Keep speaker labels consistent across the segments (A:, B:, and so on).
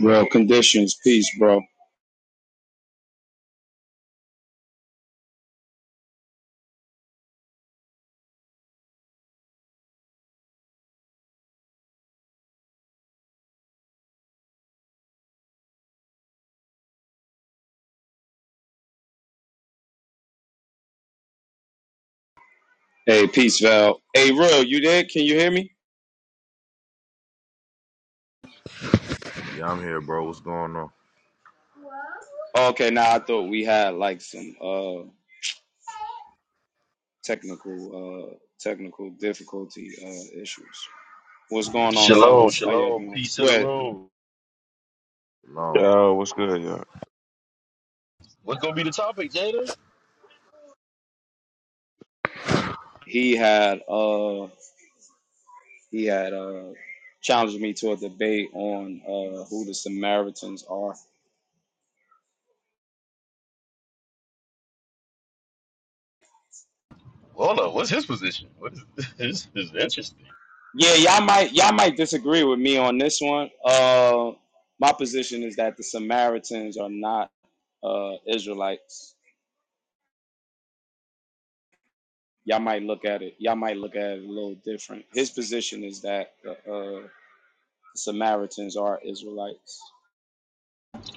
A: Real conditions. Peace, bro. Hey, peace, Val. Hey, real, you there? Can you hear me?
B: Yeah, I'm here, bro. What's going on?
A: Okay, now I thought we had like some uh technical uh technical difficulty uh issues. What's
B: Yeah,
A: going on,
C: Shalom,
A: fellas? How y'all
C: shalom,
A: doing?
C: peace to the
A: But
C: room.
B: no,
D: Yo, what's good, y'all?
C: What's gonna be the topic, Jada?
A: he had uh he had uh challenged me to a debate on uh who the Samaritans are.
C: Hold on, what's his position? What is this? Is interesting.
A: Yeah, y'all might y'all might disagree with me on this one. Uh my position is that the Samaritans are not uh Israelites y'all might look at it y'all might look at it a little different his position is that uh, uh samaritans are israelites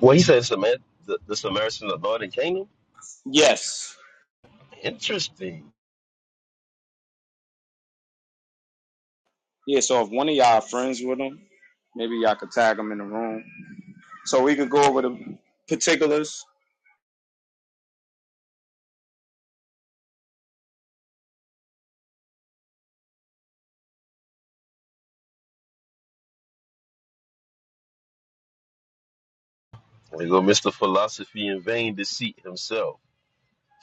C: Well, he said Samar- the, the Samaritan of Northern Kingdom.
A: yes
C: Interesting.
A: yeah so if one of y'all friends with him maybe y'all could tag him in the room so we can go over the particulars
C: There go Mr. Philosophy in vain deceit himself.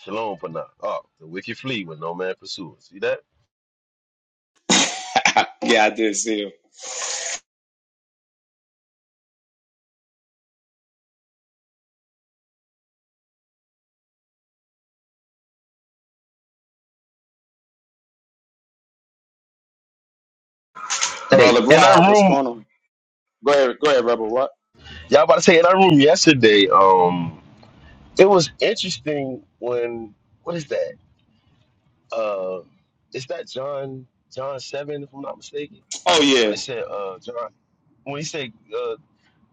C: Shalom, Panah. Oh, the wicked flee when no man pursues. See that?
A: yeah i did see him
C: Hey,
A: brother
C: in that
A: rob what's
C: room,
A: going on go ahead go ahead rebel what
C: y'all about to say in that room yesterday. Um, it was interesting when what is that? Uh, is that John John seven? If I'm not mistaken
A: oh
C: when
A: yeah
C: it said uh John, when he said uh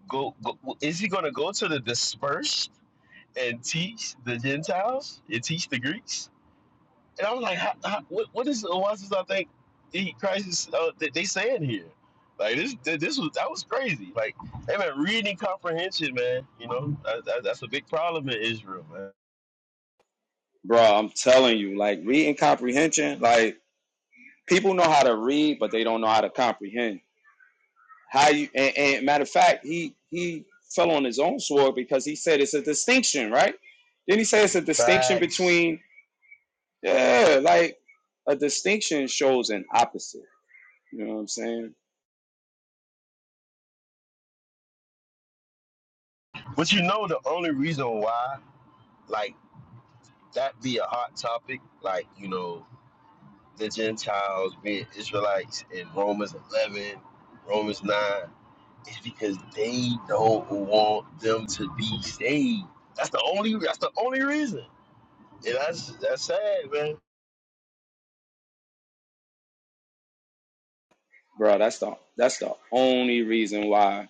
C: go, go is he gonna go to the dispersed and teach the Gentiles and teach the Greeks? And I was like, how, how, what what is why does I think he Christ is uh, that they saying here? Like this th- this was that was crazy. Like hey man, reading comprehension, man. You know that, that, that's a big problem in Israel, man.
A: bro i'm telling you like reading comprehension like people know how to read but they don't know how to comprehend How you and, and matter of fact, he he fell on his own sword because he said it's a distinction, right? Then he says it's a distinction
C: Facts.
A: between yeah, like a distinction shows an opposite. You know what I'm saying,
C: But you know the only reason why like that be a hot topic, like you know the Gentiles, being Israelites, in Romans 11, Romans 9, is because they don't want them to be saved. That's the only. That's the only reason. And that's that's sad, man.
A: bro? That's the that's the only reason why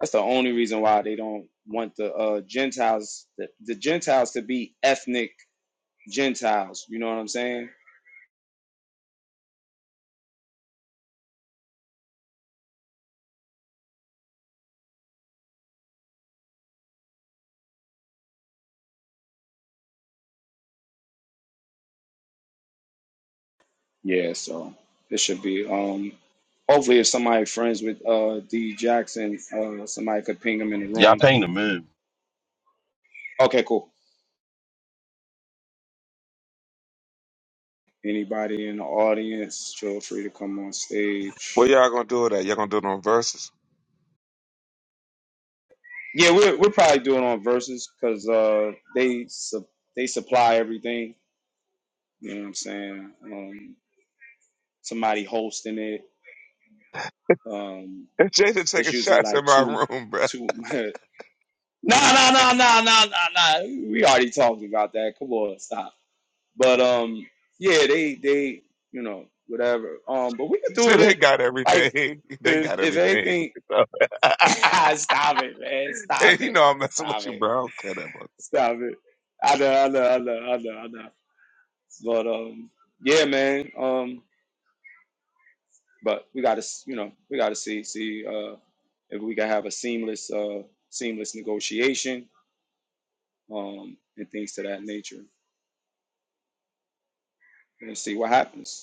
A: that's the only reason why they don't want the uh, Gentiles the, the Gentiles to be ethnic Gentiles. You know what I'm saying? Yeah, so it should be. Um, hopefully, if somebody friends with uh D Jackson, uh, somebody could ping him in the
C: Y'all
A: room.
C: paying the man.
A: Okay, cool. Anybody in the audience, feel free to come on
D: What
A: stage.
D: y'all gonna do with that? Y'all gonna do it on verses?
A: Yeah, we're we're probably doing on verses because uh they su- they supply everything. You know what I'm saying? Um, somebody hosting it. Um,
D: And Jada
A: it's
D: taking
A: usually
D: shots in
A: like
D: my
A: two
D: room, bro.
A: two. Nah, nah, nah, nah, nah, nah. no. We already talked about that. Come on, stop. But um, yeah, they they you know whatever. Um, but we can do
D: See,
A: it
D: they
A: in
D: got
A: like
D: everything. They
A: if
D: got
A: if
D: everything.
A: anything.
D: So,
A: Ah, stop it, man!
D: and
A: Stop
D: you
A: it!
D: know I'm messing
A: Stop
D: with you,
A: it!
D: bro. I don't care that much.
A: Stop it! I know, I know, I know, I know, I know. But um, yeah, man. Um, but we gotta s- you know we gotta see see uh if we can have a seamless uh seamless negotiation um and things to that nature and see what happens.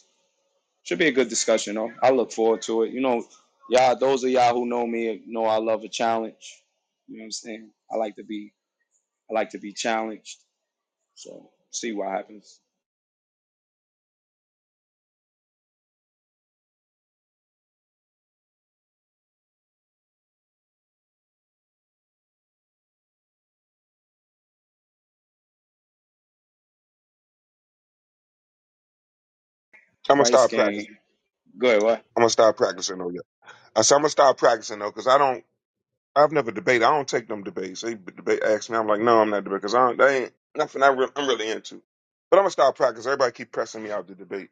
A: Should be a good discussion though. I look forward to it. You know, y'all those of y'all who know me know I love a challenge. You know what I'm saying? I like to be I like to be challenged. So see what happens.
D: I'm gonna
A: Christ
D: start
A: game.
D: practicing.
A: Good, what?
D: I'm gonna start practicing on you. I said I'm gonna start practicing though, cause I don't. I've never debated. I don't take them debates. They b- debate ask me. I'm like, no, I'm not debating, cause I don't. They ain't nothing. I re- I'm really into. But I'm gonna start practicing. Everybody keep pressing me out to debate.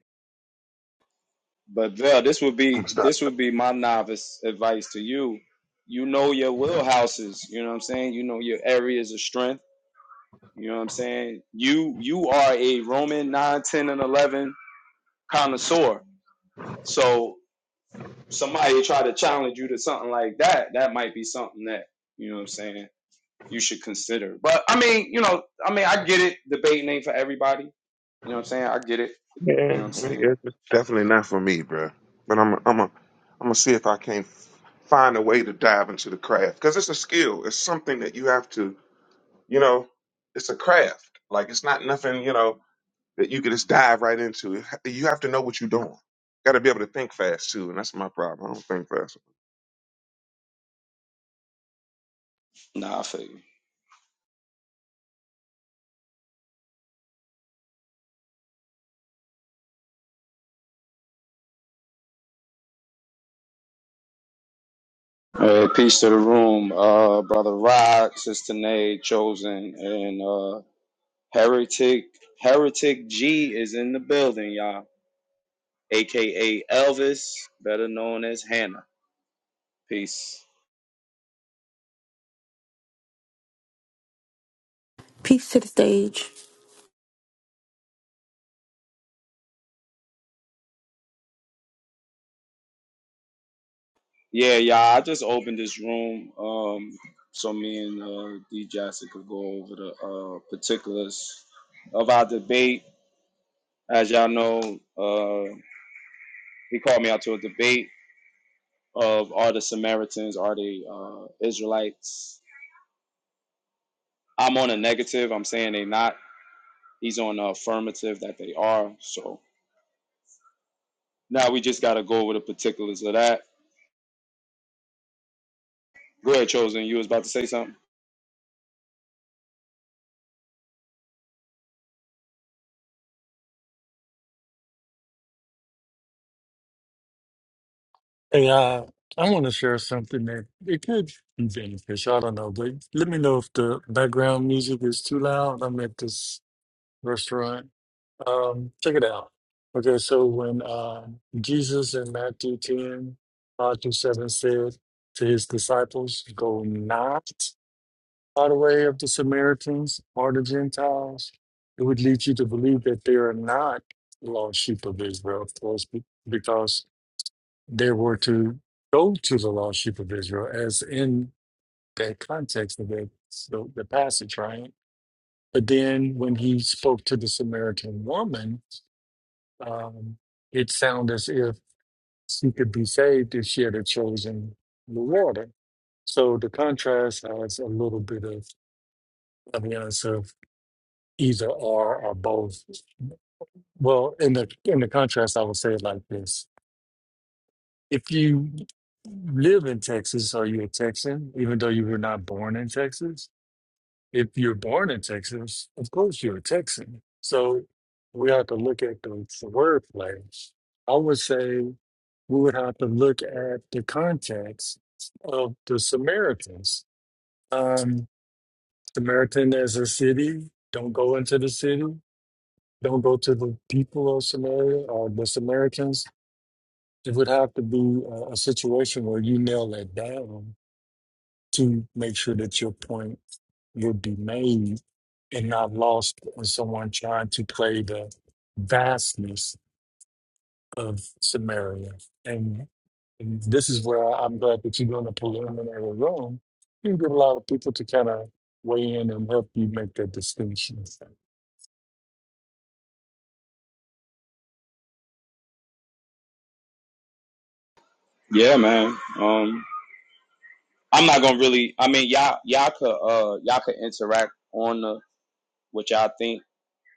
A: But Vel, this would
D: I'm
A: be
D: gonna start
A: this would be my novice advice to you. You know your wheelhouses, you know what I'm saying? You know your areas of strength. You know what I'm saying? You you are a Roman 9, 10, and eleven connoisseur. So somebody try to challenge you to something like that, that might be something that, you know what I'm saying, you should consider. But I mean, you know, I mean, I get it. Debating ain't for everybody. You know what I'm saying? I get it. You know
D: Yeah,
A: what I'm saying?
D: it's it's definitely not for me, bruh. But I'm, I'm, a, I'm gonna see if I can find a way to dive into the craft because it's a skill. It's something that you have to, you know, it's a craft. Like it's not nothing, you know, that you can just dive right into. You have to know what you're doing. Got to be able to think fast too, and that's my problem. I don't think fast.
A: Nah, I feel you. Uh, peace to the room, uh, brother Rod, sister Nay, chosen, and uh, heretic. Heretic G is in the building, y'all. AKA Elvis, better known as Hannah. Peace.
E: Peace to the stage.
A: Yeah, yeah. I just opened this room um, so me and uh, D Jassy could go over the uh, particulars of our debate. As y'all know, uh, he called me out to a debate of are the Samaritans, are they uh, Israelites? I'm on a negative. I'm saying they not. He's on the affirmative that they are. So now we just got to go over the particulars of that. Go ahead, Chosen. You was about to say something?
F: Hey, uh, I want to share something that it could be beneficial. I don't know, but let me know if the background music is too loud. I'm at this restaurant. Um, check it out. Okay, so when um Jesus in Matthew ten five 5 through 7 said to his disciples, Go not by the way of the Samaritans or the Gentiles, it would lead you to believe that they are not lost sheep of Israel, of course, be- because they were to go to the lost sheep of Israel, as in that context of the, so the passage, right? But then when he spoke to the Samaritan woman, um, it sounded as if she could be saved if she had chosen the water. So the contrast has a little bit of evidence of either or or both. Well, in the in the contrast, I would say it like this if you live in Texas, are you a Texan, even though you were not born in Texas? If you're born in Texas, of course you're a Texan. So we have to look at the, the word plays. I would say we would have to look at the context of the Samaritans. Um, Samaritan as a city, don't go into the city, don't go to the people of Samaria or the Samaritans. It would have to be a, a situation where you nail it down to make sure that your point will be made and not lost on someone trying to play the vastness of Samaria. And, and this is where I'm glad that you're doing a preliminary room. You get a lot of people to kind of weigh in and help you make that distinction.
A: Yeah, man. Um, I'm not gonna really. I mean, y'all, y'all could, uh, y'all could interact on the, what y'all think.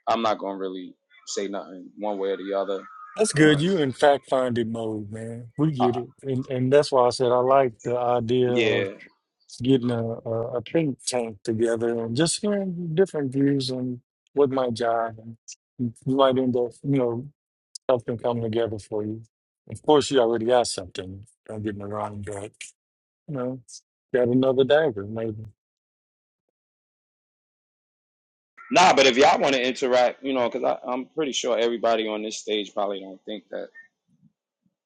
A: I'm not gonna really say nothing one way or the other.
F: That's good.
A: Um,
F: You in fact find it mode, man. We
A: I,
F: get it. And and that's why I said I like the idea
A: yeah,
F: getting a, a, a think tank together and just hearing different views on what my job and you might end up, you know, something coming together for you. Of course, you already got something. Don't get me wrong, but you know, got another dagger. Maybe
A: nah. But if y'all want to interact, you know, because I'm pretty sure everybody on this stage probably don't think that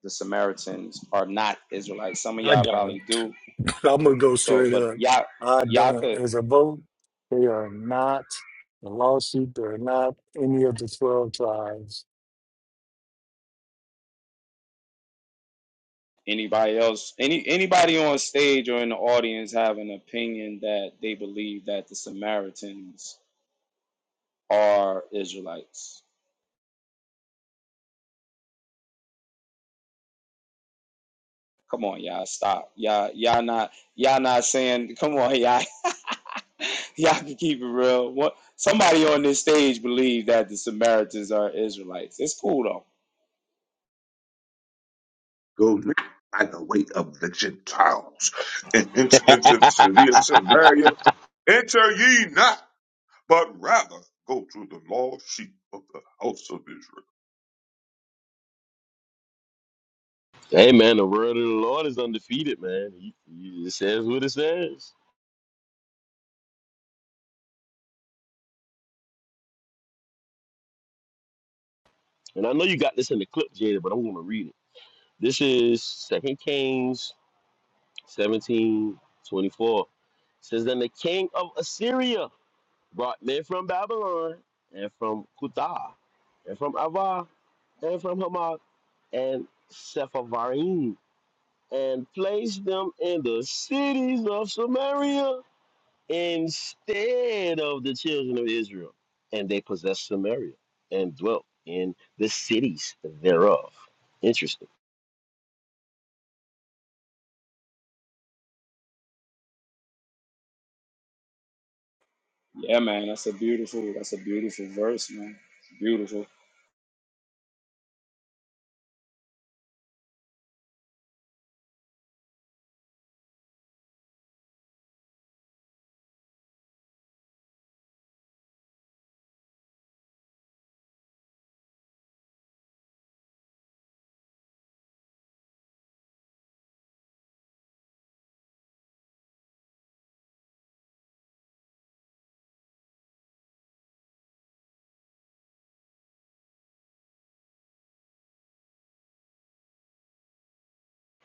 A: the Samaritans are not Israelites. Some of
F: I
A: y'all
F: don't.
A: probably do.
F: I'm gonna go
A: So,
F: straight
A: but
F: up.
A: y'all,
F: I
A: y'all
F: don't.
A: could.
F: As a vote. They are not a lawsuit. They're not any of the twelve tribes.
A: Anybody else? Any anybody on stage or in the audience have an opinion that they believe that the Samaritans are Israelites. Come on, y'all, stop. Y'all, y'all not, y'all not saying. Come on, y'all, y'all can keep it real. What? Somebody on this stage believe that the Samaritans are Israelites. It's cool though.
D: Go n- by the way of the Gentiles and enter into the city of Samaria. Enter ye not. but rather go to the lost sheep of the house of Israel.
C: Hey, man, the word of the Lord is undefeated, man. He- he- It says what it says. And I know you got this in the clip, Jada, but I'm going to read it. This is Second Kings 17 24. It says, Then the king of Assyria brought men from Babylon and from Kuta and from Ava and from Hamath and Sepharvaim and placed them in the cities of Samaria instead of the children of Israel. And they possessed Samaria and dwelt in the cities thereof. Interesting.
A: Yeah, man, that's a beautiful, that's a beautiful verse, man. It's beautiful.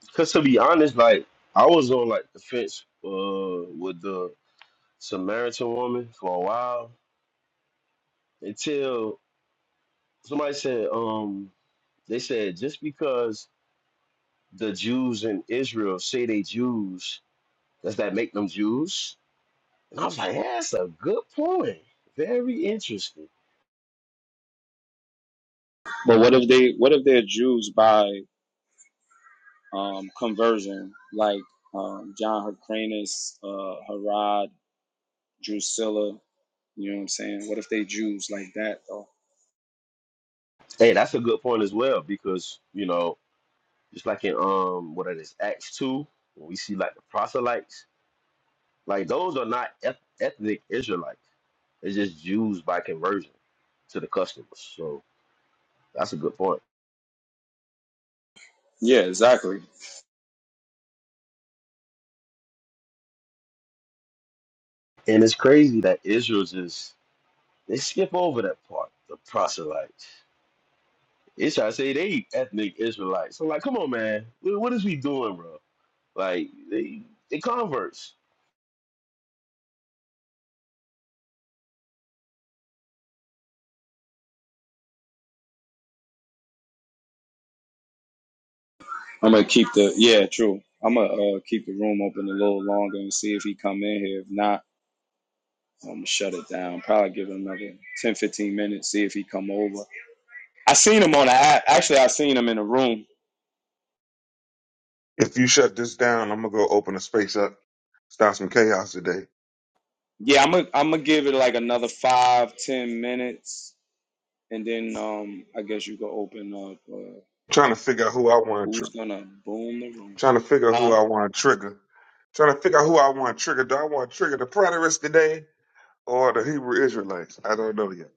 C: Because to be honest, like I was on like the fence uh, with the Samaritan woman for a while until Somebody said, um, they said just because the Jews in Israel say they Jews, does that make them Jews? And I was like, yeah, that's a good point. Very interesting.
A: But what if they, what if they're Jews by um, conversion, like um, John Hyrcanus, uh, Herod, Drusilla? You know what I'm saying? What if they Jews like that though?
C: Hey, that's a good point as well because you know, just like in um, what it is, Acts two, when we see like the proselytes, like those are not eth- ethnic Israelites. They're just Jews by conversion to the customs. So that's a good point.
A: Yeah, exactly.
C: And it's crazy that Israel's is They skip over that part, the proselytes. It's trying to say they ethnic Israelites. So like, come on, man, what, what is we doing, bro? Like they they converts.
A: I'm gonna keep the yeah, true. I'm gonna uh, keep the room open a little longer and see if he come in here. If not, I'm gonna shut it down. Probably give him another 10, 15 minutes. See if he come over. I seen him on the app. Actually, I seen him in the room.
D: If you shut this down, I'm gonna go open a space up, start some chaos today.
A: Yeah, I'm gonna I'm gonna give it like another five, ten minutes, and then um, I guess you can open up. Uh,
D: Trying to figure out who I want to,
A: who's
D: tr-
A: gonna boom the room?
D: trying to figure out who
A: Huh?
D: I want to trigger, trying to figure out who I want to trigger. Do I want to trigger the preterists today or the Hebrew Israelites? I don't know yet.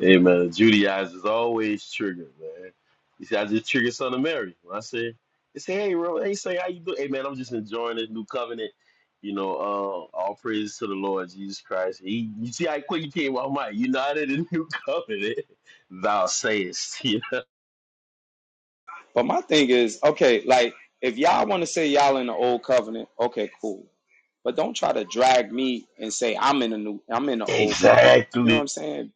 C: Hey man, Judaizers always triggered, man. You see, I just triggered Son of Mary when I said, they say, hey, bro, they say how you do? Hey man, I'm just enjoying this new covenant. You know, uh, all praises to the Lord Jesus Christ. He, you see how quick he came out, Mike. United in new covenant, thou sayest. You
A: But my thing is, okay, like if y'all want to say y'all in the old covenant, okay, cool. But don't try to drag me and say I'm in a new, I'm in the
C: know?
A: old covenant. You know
C: Exactly.
A: what I'm saying?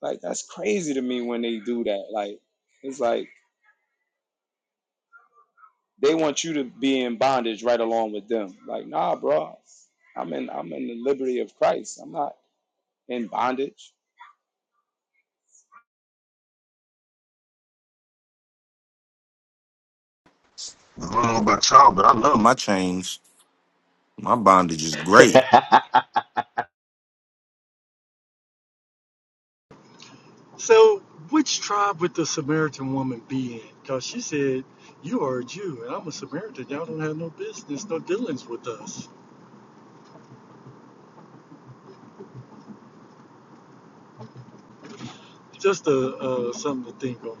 A: Like that's crazy to me when they do that. Like it's like they want you to be in bondage right along with them. Like nah, bro, I'm in I'm in the liberty of Christ. I'm not in bondage.
G: I don't know about y'all, but I love my chains. My bondage is great.
C: they
F: So, which tribe would the Samaritan woman be in? Because she said, You are a Jew, and I'm a Samaritan. Y'all don't have no business, no dealings with us. Just a, uh, something to think on.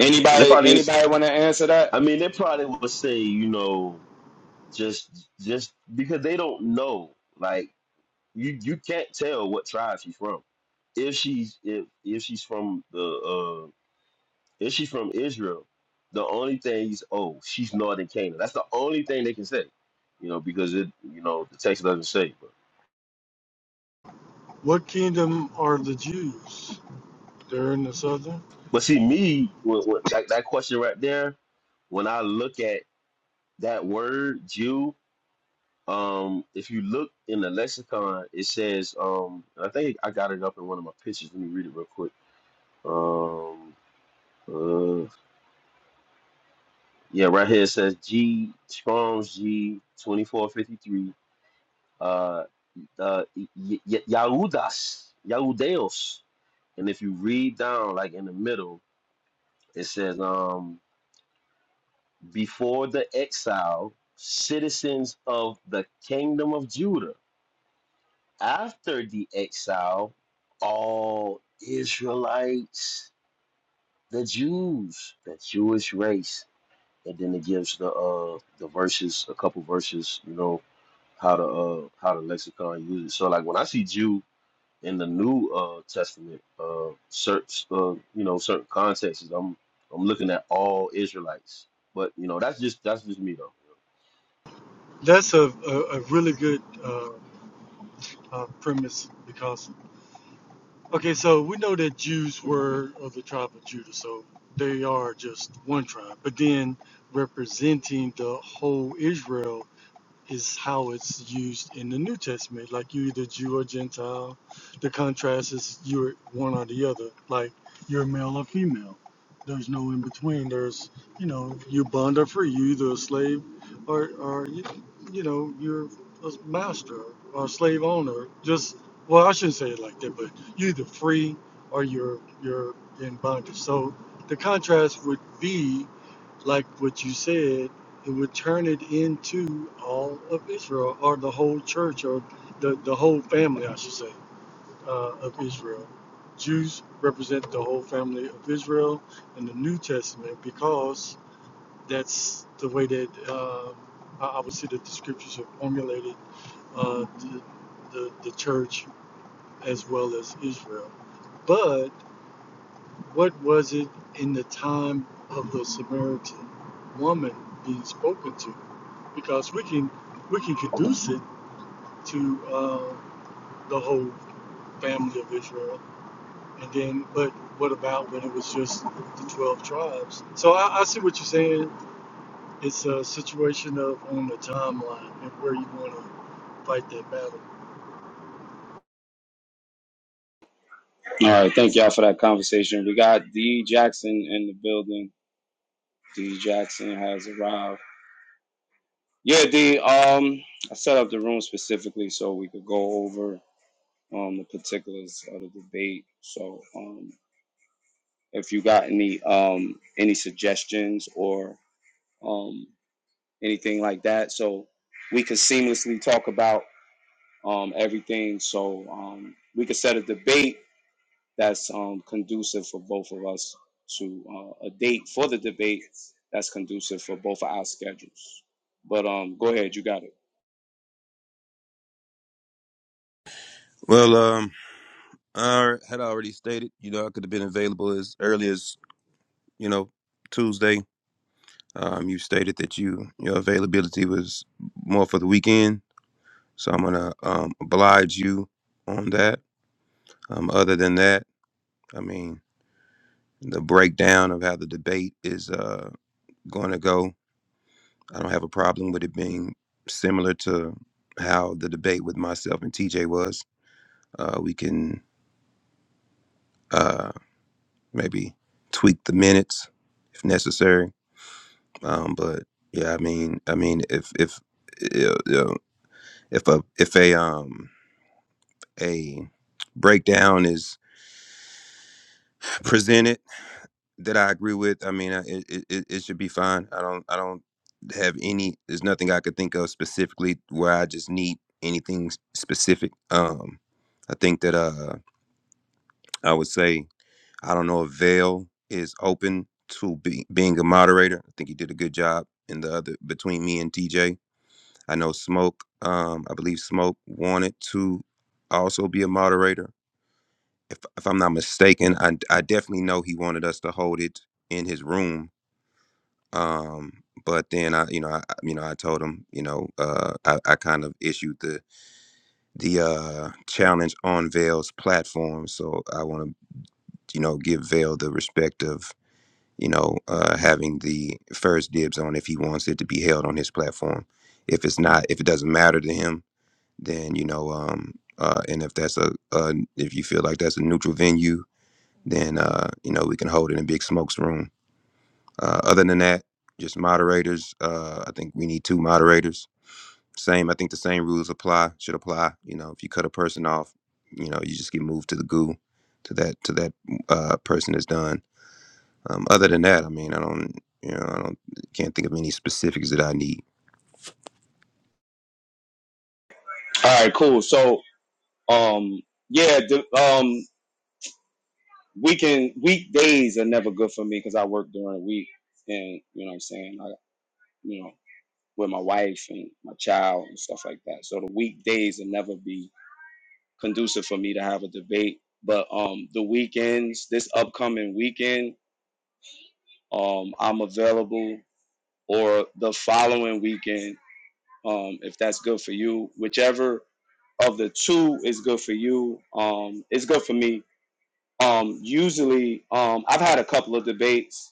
A: Anybody
C: probably just
A: anybody want to answer that?
C: I mean they probably would say, you know, just just because they don't know. Like you you can't tell what tribe she's from. If she's if if she's from the uh if she's from Israel, the only thing is oh, she's northern Canaan. That's the only thing they can say. You know, because it you know, the text doesn't say. But
F: What kingdom are the Jews? They're in the southern?
C: but see me with, with that, that question right there, when I look at that word Jew Um, if you look in the lexicon, it says, um, I think I got it up in one of my pictures. Let me read it real quick. Um, uh, yeah, right here it says G Strong's G twenty four fifty three. Uh, uh, y- y- Yahudas, Yahudeos. And if you read down, like in the middle, it says, um, before the exile, citizens of the kingdom of Judah. after the exile, all Israelites, the Jews, the Jewish race, and then it gives the uh the verses, a couple verses, you know, how to uh how the lexicon uses it. So like when I see Jew in the New uh Testament, uh certain uh, you know certain contexts, I'm I'm looking at all Israelites. But you know that's just that's just me though.
F: That's a, a, a really good uh, uh, premise because, okay, so we know that Jews were of the tribe of Judah, so they are just one tribe, but then representing the whole Israel is how it's used in the New Testament. Like you're either Jew or Gentile. The contrast is you're one or the other. Like you're male or female. There's no in between. There's you know you bond or free. You either a slave or or you, you know you're a master or a slave owner. Just well, I shouldn't say it like that, but you're either free or you're you're in bondage. So the contrast would be like what you said and would turn it into all of Israel, or the whole church, or the, the whole family, I should say, uh, of Israel. Jews represent the whole family of Israel in the New Testament because that's the way that uh, I I would say that the scriptures have formulated uh, the, the, the church as well as Israel. But what was it in the time of the Samaritan woman being spoken to? because we can we can conduce it to uh, the whole family of Israel. And then, but what about when it was just the twelve tribes? So I, I see what you're saying. It's a situation of on the timeline and where you want to fight that battle.
A: All right, thank y'all for that conversation. We got D Jackson in the building. D Jackson has arrived. Yeah, D. Um, I set up the room specifically so we could go over um, the particulars of the debate. So um, if you got any um, any suggestions or um, anything like that, so we could seamlessly talk about um, everything. So um, we could set a debate that's um, conducive for both of us to uh, a date for the debate that's conducive for both of our schedules. But um, go ahead, you got it.
H: Well, um, I had already stated, you know, I could have been available as early as, you know, Tuesday. Um, you stated that you your availability was more for the weekend, so I'm gonna um, oblige you on that. Um, other than that, I mean, the breakdown of how the debate is uh, going to go, I don't have a problem with it being similar to how the debate with myself and TJ was. Uh, we can uh, maybe tweak the minutes if necessary Um, but yeah, I mean, I mean, if if you know, if a if a um a breakdown is presented that I agree with, I mean, I- it, it it should be fine. I don't I don't have any. There's nothing I could think of specifically where I just need anything s- specific. Um, I think that uh I would say I don't know if Vale is open to be, being a moderator. I think he did a good job in the other between me and TJ I know Smoke. Um, I believe Smoke wanted to also be a moderator. If if I'm not mistaken, I I definitely know he wanted us to hold it in his room. Um, but then I, you know, I you know, I told him, you know, uh, I, I kind of issued the the uh, challenge on Vale's platform, so I want to, you know, give Vale the respect of, you know, uh, having the first dibs on if he wants it to be held on his platform. If it's not, if it doesn't matter to him, then you know um uh and if that's a uh if you feel like that's a neutral venue then uh you know we can hold it in big smokes room uh other than that just moderators uh i think we need two moderators same i think the same rules apply should apply you know if you cut a person off you know you just get moved to the goo to that to that uh person is done um other than that i mean i don't you know i don't can't think of any specifics that i need
A: All right, cool. So um, yeah, the, um, weekend weekdays are never good for me because I work during the week, and you know what I'm saying. I you know with my wife and my child and stuff like that. So the weekdays will never be conducive for me to have a debate. But um, the weekends, this upcoming weekend, um, I'm available, or the following weekend, um, if that's good for you, whichever of the two is good for you. Um, it's good for me. Um, usually, um, I've had a couple of debates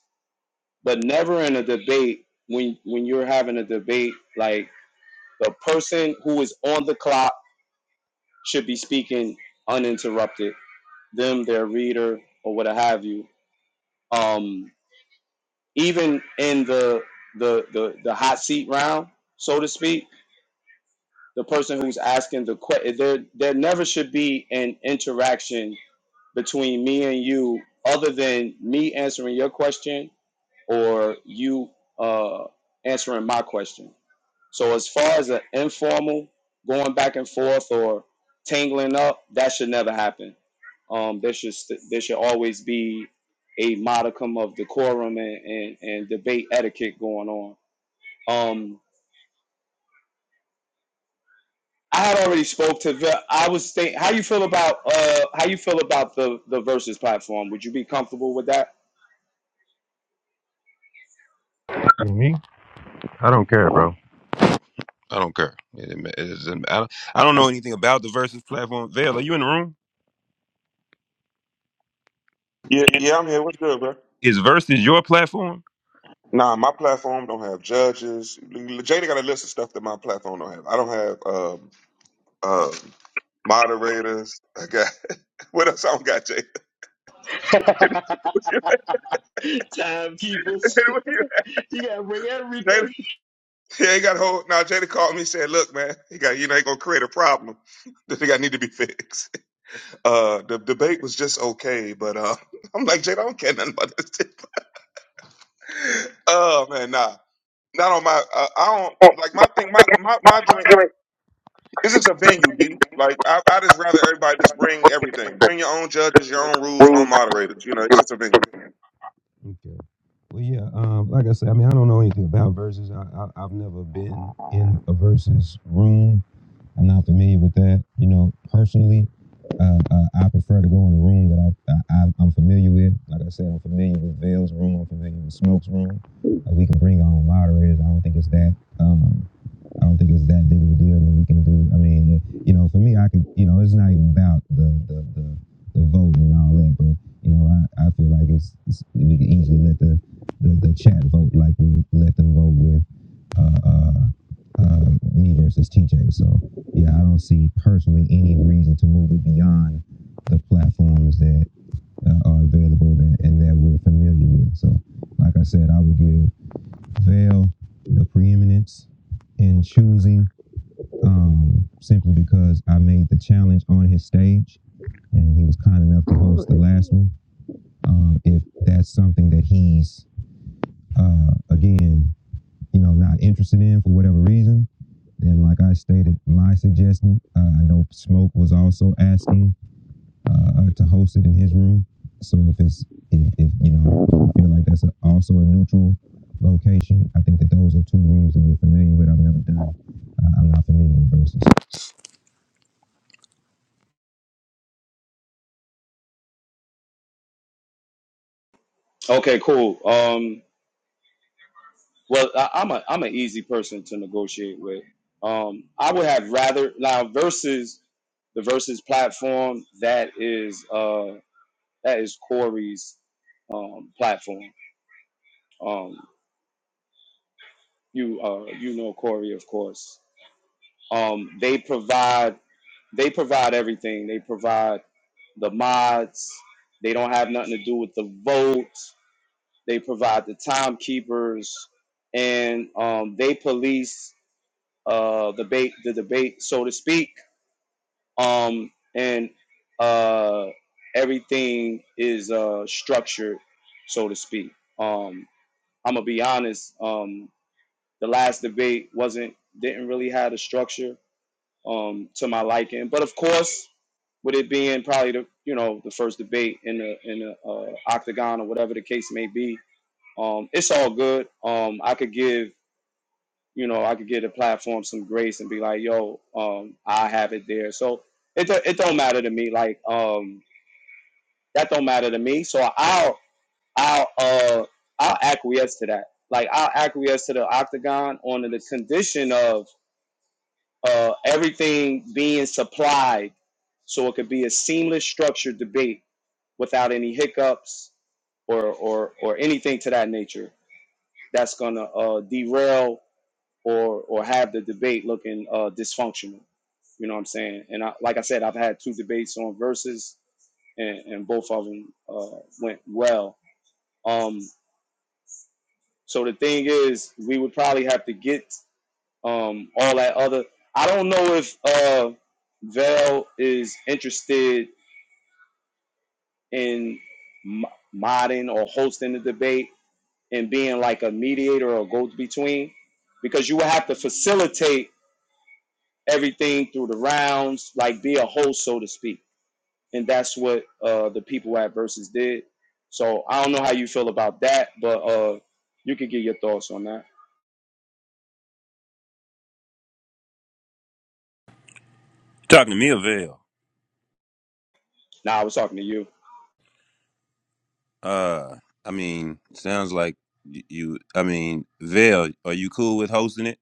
A: but never in a debate when when you're having a debate like the person who is on the clock should be speaking uninterrupted them their reader or what have you um even in the the the, the hot seat round so to speak the person who's asking the question there there never should be an interaction between me and you other than me answering your question or you uh answering my question So as far as an informal going back and forth or tangling up, that should never happen. Um, there should st- there should always be a modicum of decorum and, and, and debate etiquette going on. Um, I had already spoke to. The, I was thinking, how you feel about uh how you feel about the the versus platform. Would you be comfortable with that?
H: Me? I don't care, bro. I don't care. It, it, it I, don't, I don't know anything about the Versus platform. Vale, are you in the room?
D: Yeah, yeah, I'm here. What's good, bro?
H: Is Versus your platform?
D: Nah, my platform don't have judges. Jada got a list of stuff that my platform don't have. I don't have um, um, moderators. I got what else? I don't got Jada.
C: Timekeepers, you gotta bring everything.
D: Jada, yeah, he got hold. Now Jada called me and said, "Look, man, he got you know he gonna create a problem that they got need to be fixed." Uh, the debate was just okay, but uh, I'm like Jada, I don't care nothing about this. Oh man, nah, not on my. Uh, I don't like my thing. My my my joint is just a venue, D. Like I, I just rather everybody just bring everything. Bring your own judges, your own rules, own moderators. You know, it's just a venue.
H: Okay. Well, yeah. Um, like I said, I mean, I don't know anything about verses. I, I I've never been in a verses room. I'm not familiar with that. You know, personally, uh, uh, I prefer to go in a room that I, I, I I'm familiar with. Like I said, I'm familiar with Vale's room. I'm familiar with Smoke's room. Uh, we can bring our own moderators. I don't think it's that. Um, I don't think it's that big of a deal and we can do. I mean, you know, for me, I could, you know, it's not even about the the the, the vote and all that, but you know, I, I feel like it's, it's we can easily let the, the the chat vote like we let them vote with uh, uh, uh, me versus TJ. So yeah, I don't see personally any reason to move it beyond the platforms that uh, are available that, and that we're familiar with. So like I said, I would give Vail the preeminence in choosing um, simply because I made the challenge on his stage, and he was kind enough to host the last one. Um, if that's something that he's uh, again, you know, not interested in for whatever reason, then like I stated, my suggestion. Uh, I know Smoke was also asking uh, uh, to host it in his room. So if it's if, if you know I feel like that's a, also a neutral location, I think that those are two rooms that we're familiar with. I've never done. Uh, I'm not familiar with versus.
A: Okay, cool. Um, Well, I, I'm a I'm an easy person to negotiate with. Um, I would have rather now versus the versus platform that is uh that is Corey's um, platform. Um, you uh you know Corey of course. Um, they provide they provide everything. They provide the mods. They don't have nothing to do with the vote. They provide the timekeepers, and um, they police. uh, debate, the debate, so to speak. Um, and uh, everything is uh, structured, so to speak. Um, I'm gonna be honest. Um, the last debate wasn't didn't really have a structure um, to my liking, but of course, with it being probably the you know the first debate in the in the uh, octagon or whatever the case may be, um, it's all good. Um, I could give you know, I could give the platform some grace and be like, yo, um, I have it there. So it it don't matter to me. Like, um, that don't matter to me. So I'll I'll uh I'll acquiesce to that. Like I'll acquiesce to the octagon on the condition of uh everything being supplied so it could be a seamless structured debate without any hiccups or or or anything to that nature that's gonna uh derail or or have the debate looking uh, dysfunctional. You know what I'm saying? And I, like I said, I've had two debates on verses, and, and both of them uh, went well. Um, so the thing is, we would probably have to get um, all that other. I don't know if uh, Val is interested in modding or hosting the debate and being like a mediator or go between, because you would have to facilitate everything through the rounds, like be a host, so to speak. And that's what uh, the people at Versus did. So I don't know how you feel about that, but uh, you can get your thoughts on that.
H: Talking to me or Vail?
A: Nah, I was talking to you.
H: Uh, I mean, sounds like y- you. I mean, Vail, are you cool with hosting it?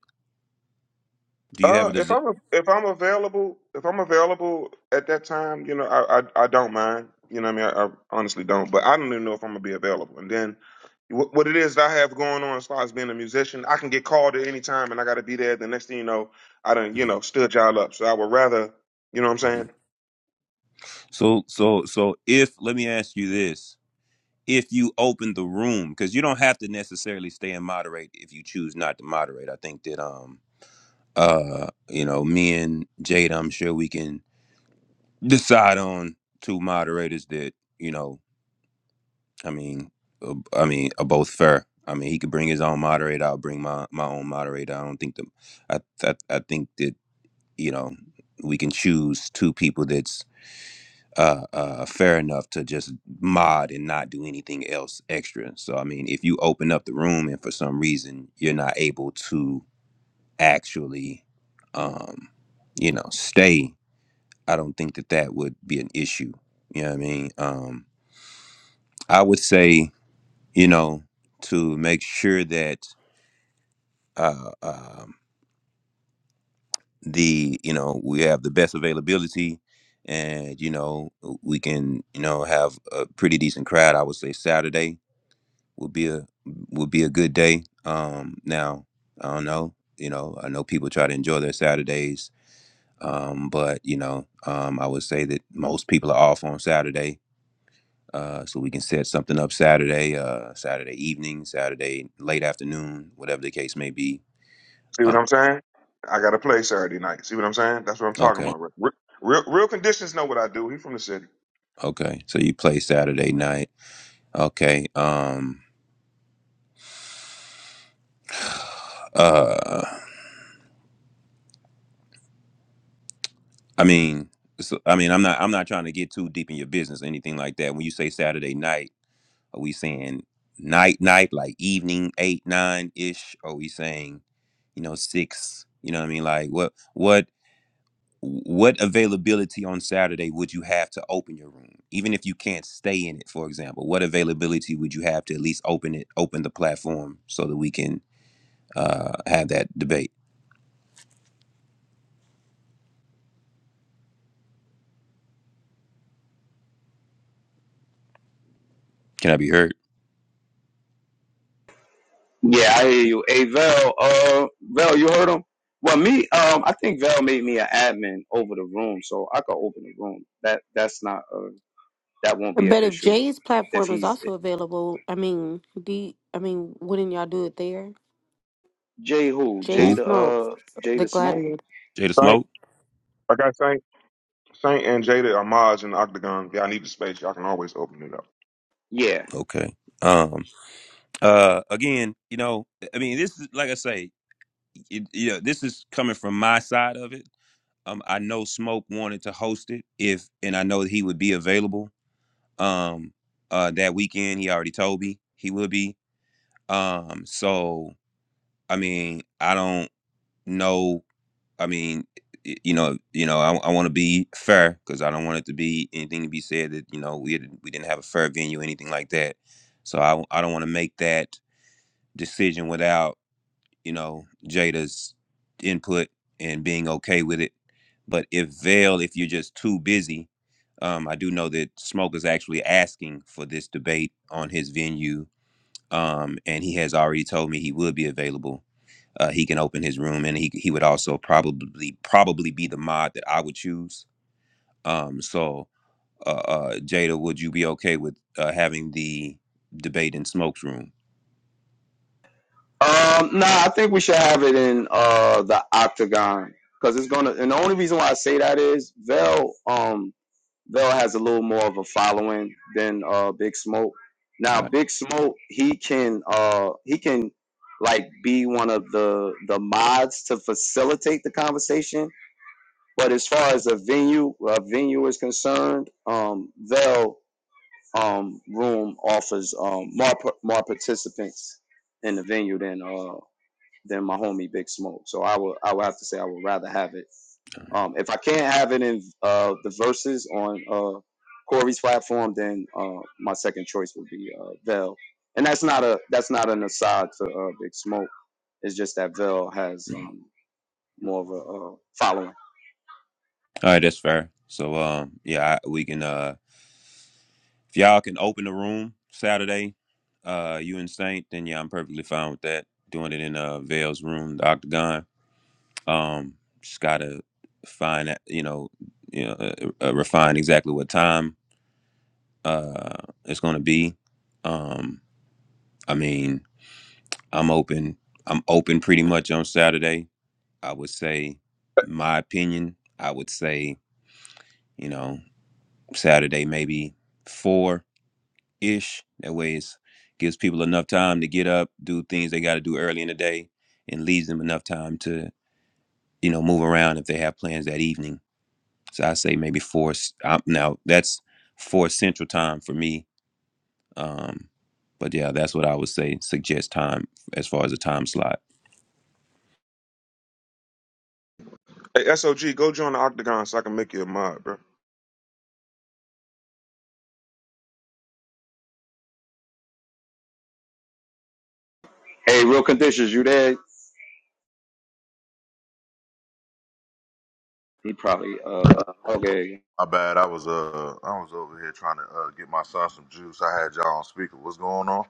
H: Do you have
D: Uh,
H: a
D: if
H: desire?
D: I'm if I'm available, if I'm available at that time, you know, I I, I don't mind. You know, what I mean, I, I honestly don't. But I don't even know if I'm gonna be available. And then what, what it is that I have going on as far as being a musician, I can get called at any time, and I got to be there. The next thing you know, I done you know stood y'all up. So I would rather, you know, what I'm saying,
H: So, so, so, if let me ask you this: If you open the room, because you don't have to necessarily stay and moderate if you choose not to moderate. I think that um uh you know me and Jada, I'm sure we can decide on two moderators that you know. I mean, uh, I mean, are both fair. I mean, he could bring his own moderator. I'll bring my my own moderator. I don't think the, I I, I think that you know we can choose two people that's uh, uh fair enough to just mod and not do anything else extra. So I mean, if you open up the room and for some reason you're not able to actually, um, you know, stay, I don't think that that would be an issue. You know what I mean? Um, I would say. you know, to make sure that uh, um the you know we have the best availability, and you know we can you know have a pretty decent crowd. I would say Saturday would be a would be a good day. Um, now I don't know, you know, I know people try to enjoy their Saturdays, um, but you know, um, I would say that most people are off on Saturday. Uh, so we can set something up Saturday, uh, Saturday evening, Saturday late afternoon, whatever the case may be
D: see what I'm saying. I got to play Saturday night. See what I'm saying? That's what I'm talking
H: Okay.
D: about. Re- Real, real conditions know what I do. He from the city.
H: Okay. So you play Saturday night. Okay. Um uh I mean so, I mean I'm not I'm not trying to get too deep in your business or anything like that. When you say Saturday night, are we saying night night like evening 8 9 ish are we saying you know 6, you know what I mean? Like what what what availability on Saturday would you have to open your room? Even if you can't stay in it, for example, what availability would you have to at least open it, open the platform so that we can uh, have that debate. Can I be heard?
A: Yeah, I hear you. Hey, Vel, uh, Vel, you heard him? Well, me, um, I think Vel made me an admin over the room, so I could open the room. That that's not uh, that won't be an
E: But if
A: issue
E: Jay's
A: if
E: platform is
A: he's
E: also available, I mean, D, I mean, wouldn't y'all do it there?
A: Jay who
E: Jay the
A: Jay
H: Who?
A: the
E: Smoke,
A: uh Jay
E: the
A: the smoke.
E: Gladiator.
H: Jada
D: Thank.
H: Smoke?
D: I got Saint and Jada are mods in the Octagon. Y'all need the space. Y'all can always open it up.
A: Yeah,
H: Okay. Um. Uh. Again, you know, I mean, this is like I say, it, you know, this is coming from my side of it. Um. I know Smoke wanted to host it if, and I know that he would be available. Um. Uh. That weekend, he already told me he would be. Um. So I mean, I don't know I mean, y- you know, you know, I, I want to be fair because I don't want it to be anything to be said that you know we didn't, we didn't have a fair venue, or anything like that. So I I don't want to make that decision without you know Jada's input and being okay with it. But if Vail, if you're just too busy, um, I do know that Smoke is actually asking for this debate on his venue, um, and he has already told me he will be available. Uh, he can open his room, and he he would also probably probably be the mod that I would choose. Um, so uh, uh, Jada, would you be okay with uh, having the debate in Smoke's room?
A: Um, Nah, I think we should have it in uh the octagon because it's gonna. And the only reason why I say that is Vel, um, Vel has a little more of a following than uh Big Smoke.
H: All
A: Now,
H: right,
A: Big Smoke, he can uh he can like be one of the the mods to facilitate the conversation. But as far as a venue, a venue is concerned, um, Vel um room offers um more par- more participants in the venue than uh than my homie Big Smoke. So I would I would have to say I would rather have it. Um, if I can't have it in uh, the verses on uh, Corey's platform, then uh, my second choice would be uh, Vel. And that's not a that's not an aside to uh, Big Smoke. It's just that Vel has
H: Mhm.
A: um, more of a uh, following.
H: all right, that's fair. So um, yeah, I, we can. Uh, if y'all can open the room Saturday, uh, you and Saint, then yeah, I'm perfectly fine with that. Doing it in uh Vale's room, the Octagon. Um, just gotta find that you know, you know, uh, uh, refine exactly what time uh it's gonna be. Um, I mean, I'm open. I'm open pretty much on Saturday. I would say my opinion, I would say, you know, Saturday maybe four ish. That way it gives people enough time to get up, do things they gotta do early in the day, and leaves them enough time to, you know, move around if they have plans that evening. So I say maybe four s- um, now that's four central time for me Um, but yeah, that's what I would say. Suggest time as far as a time slot.
D: Hey, SOG, go join the Octagon so I can make you a mod, bro.
A: Hey, real conditions, you there? He probably uh, okay.
B: my bad. I was uh, I was over here trying to uh get my son some juice. I had y'all on speaker. What's going on?